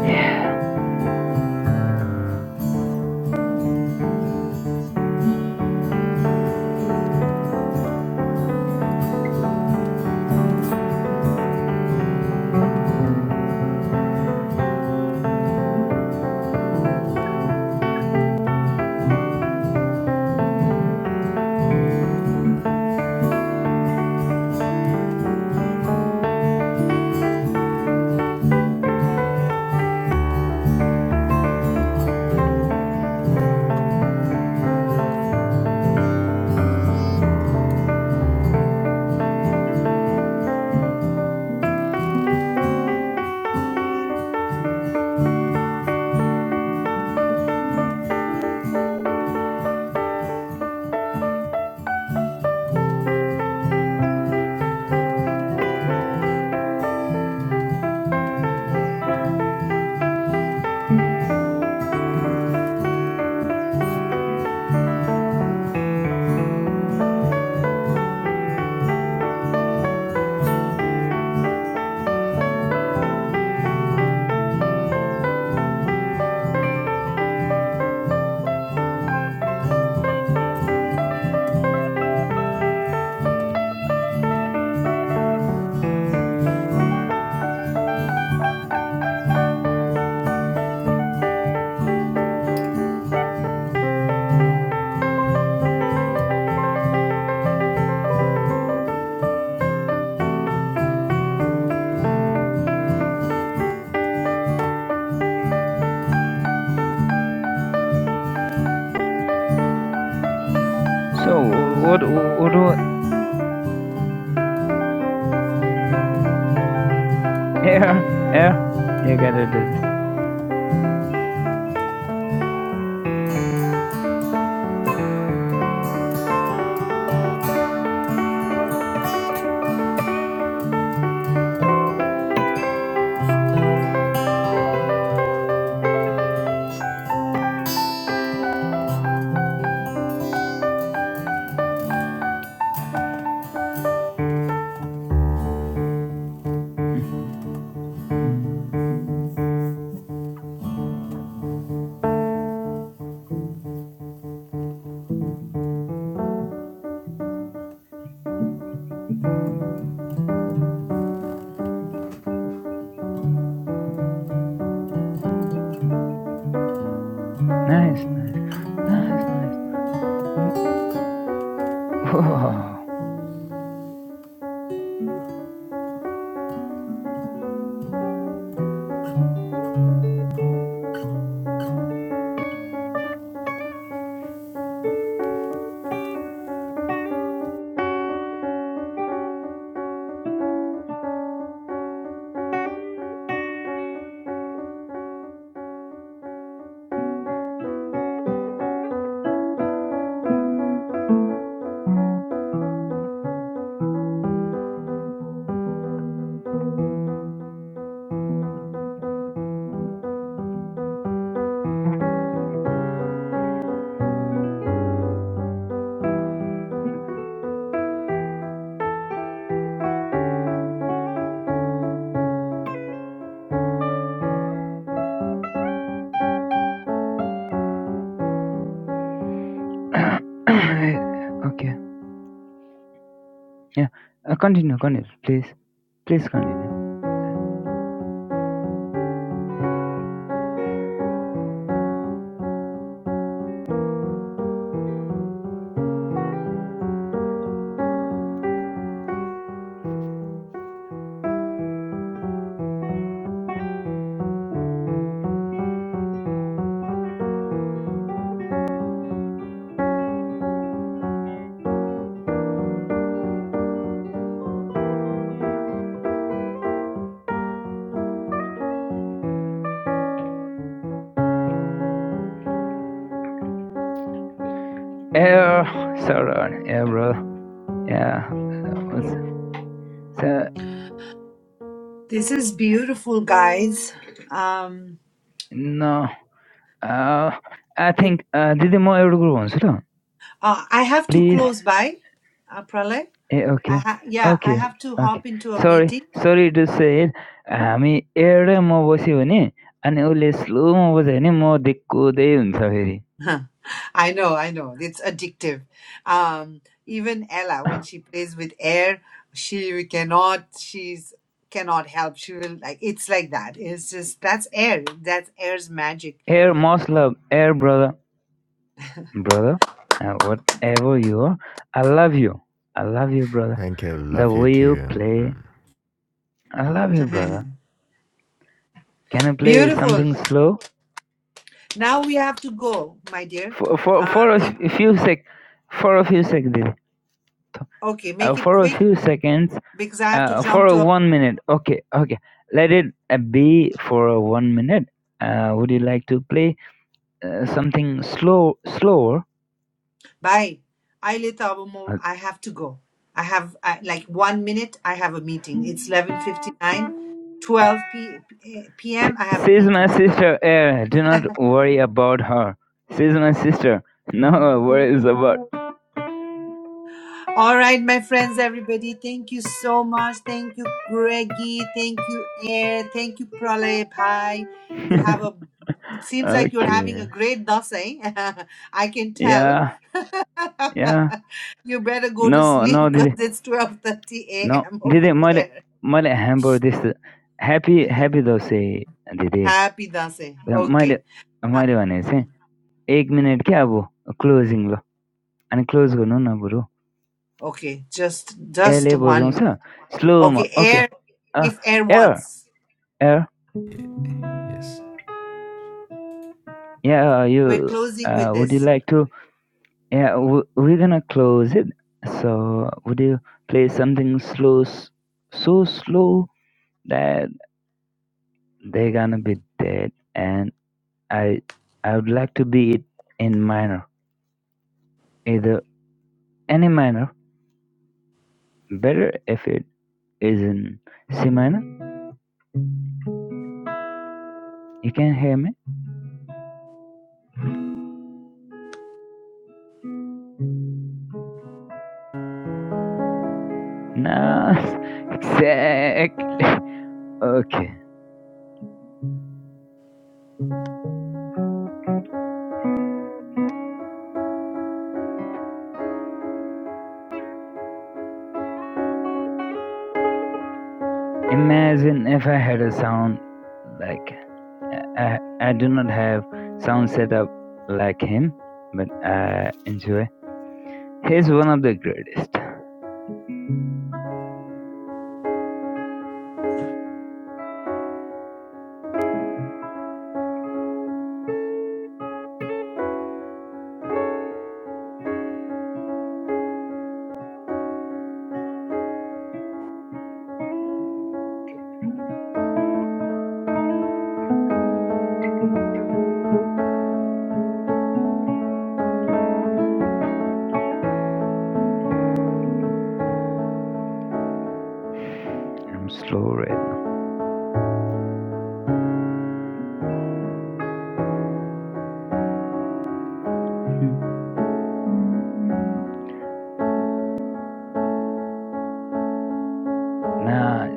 H: Mm. So what what what air air you gotta do this. Mm. Nice, nice, nice, nice. Mm. Whoa. *coughs* okay. Yeah. Uh, continue, continue, please. Please continue. Air sorry, air bro. Yeah. What's, so
A: This is beautiful, guys. Um,
H: no. Uh I think uh did more air group on
A: uh, I have to
H: Please
A: close by, uh, Pralay.
H: Eh,
A: I
H: Okay,
A: ha- yeah, I
H: okay,
A: have to
H: okay.
A: hop into a
H: Sorry,
A: meeting.
H: sorry to say it. I'm here, my bossy one. And only slow, my bossy one. My dekko dey. Sorry.
A: *laughs* I know, I know. It's addictive. Um, even Ella, when she plays with air, she cannot, she's cannot help. She will like it's like that. It's just that's air. That's air's magic.
H: Here, most love. Here, brother, brother. Whatever you are, I love you. I love you, brother.
D: Thank you.
H: That
D: Love you
H: we'll
D: too.
H: play.
D: Mm.
H: I love you, brother.
A: *laughs*
H: Can I play
A: Beautiful.
H: something slow?
A: Now we have to go, my dear.
H: For for
A: Uh
H: for
A: it,
H: a few sec, for a few seconds.
A: okay, make it
H: For a
A: quick
H: few seconds.
A: because I have to
H: Uh, for
A: jump
H: a
A: to a
H: one minute. Okay, okay. Let it uh, be for a one minute. Uh, would you like to play uh, something slow, slower?
A: bye. I lit Abumo.
H: Uh,
A: I have to go. I have uh, like one minute. I have a meeting. It's eleven fifty nine, twelve 12 p- p- p.m. I have a
H: She's my
A: meeting. So.
H: sister, Air. Do not worry about her. She's my sister. No worries about.
A: All right, my friends, everybody, thank you so much. Thank you, Greggy. Thank you, Air. Thank you, Pralay Bhai. You have
H: *laughs*
A: a, it seems like you're
H: okay.
A: having a great dasai. *laughs* I can tell.
H: Yeah,
A: *laughs*
H: yeah.
A: you better go to
H: No,
A: sleep
H: no,
A: because
H: did
A: it's 12.30
H: no,
A: a.m.
H: did
A: over
H: it? Male,
A: there.
H: male hamburger this. uh, Happy, happy dosa, did it?
A: Happy dasai.
H: Male,
A: Okay. Uh,
H: male वाले से एक minute क्या वो closing And close gonu na boro.
A: Okay. Just,
H: Air
A: just
H: level song
A: one.
H: sir. Slow ma
A: Okay.
H: okay.
A: Air,
H: Ah
A: if Air
H: air
A: wants,
H: air.
D: Ye- Yes.
H: Yeah
A: we're
H: you.
A: closing
H: Ah
A: with
H: would you
A: this.
H: like to? Yeah we we gonna close it. So would you play something slow, s- so slow that they gonna be dead. And I I would like to be it in minor. Either any minor. Better if it is in C minor. You can hear me? Nah. *laughs* Exactly. Okay. Imagine if I had a sound like I, I do not have sound setup like him, but I enjoy. He's one of the greatest. I'm slow right now. Nice.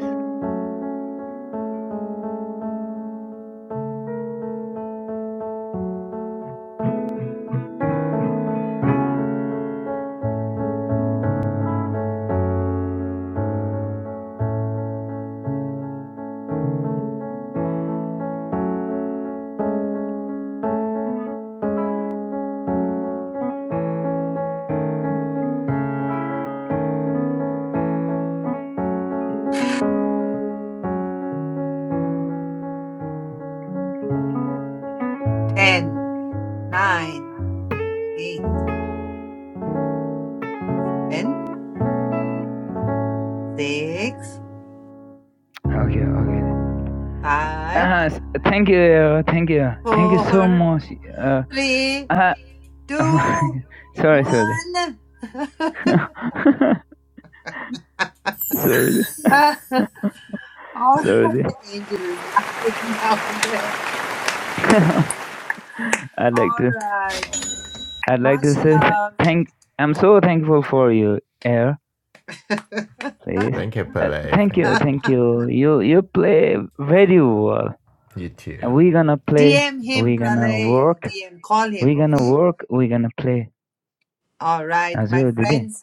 A: Ten, nine, eight. seven, six,
H: Okay, okay.
A: five,
H: Nice. Thank you. Thank you. Thank you so
A: four,
H: much. Uh,
A: three,
H: I, *laughs*
A: two,
H: sorry, sorry.
A: one. *laughs*
H: *laughs* sorry,
A: Ah, All
H: sorry.
A: right, Angel is laughing down there.
H: *laughs* I'd like
A: All
H: to.
A: right,
H: I'd like to
A: much
H: say th-
A: love.
H: thank. I'm so thankful for you, Air. please.
D: Thank you,
H: Uh,
D: Pele.
H: thank
D: Thank
H: you,
D: you.
H: thank you. You you play very well.
D: You too.
H: And we're gonna play.
A: DM him,
H: We're gonna
A: Pralay.
H: work.
A: DM, call
H: We're
A: him,
H: gonna
A: okay?
H: work. We're gonna play.
A: All right, my
H: Azul dedi.
A: friends.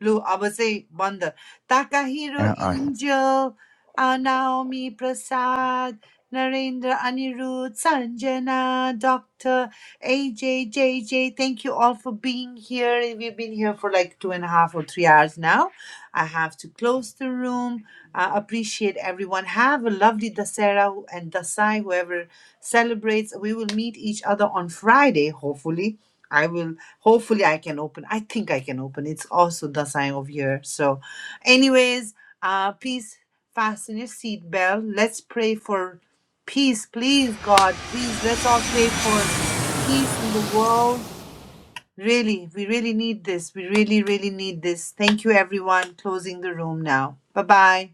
A: Lu Abase Bandha. Takahiro
H: Ya as.
A: Angel, Anaomi Prasad, Narendra Anirudh, Sanjana, Dr. AJ, JJ, thank you all for being here. We've been here for like two and a half or three hours now. I have to close the room. Uh, appreciate everyone. Have a lovely Dasera who- and Dasai, whoever celebrates. We will meet each other on Friday, hopefully. I will hopefully i can open i think i can open it's also the sign of year so anyways uh please fasten your seat belt let's pray for peace please god please let's all pray for peace in the world really we really need this we really really need this thank you everyone closing the room now bye bye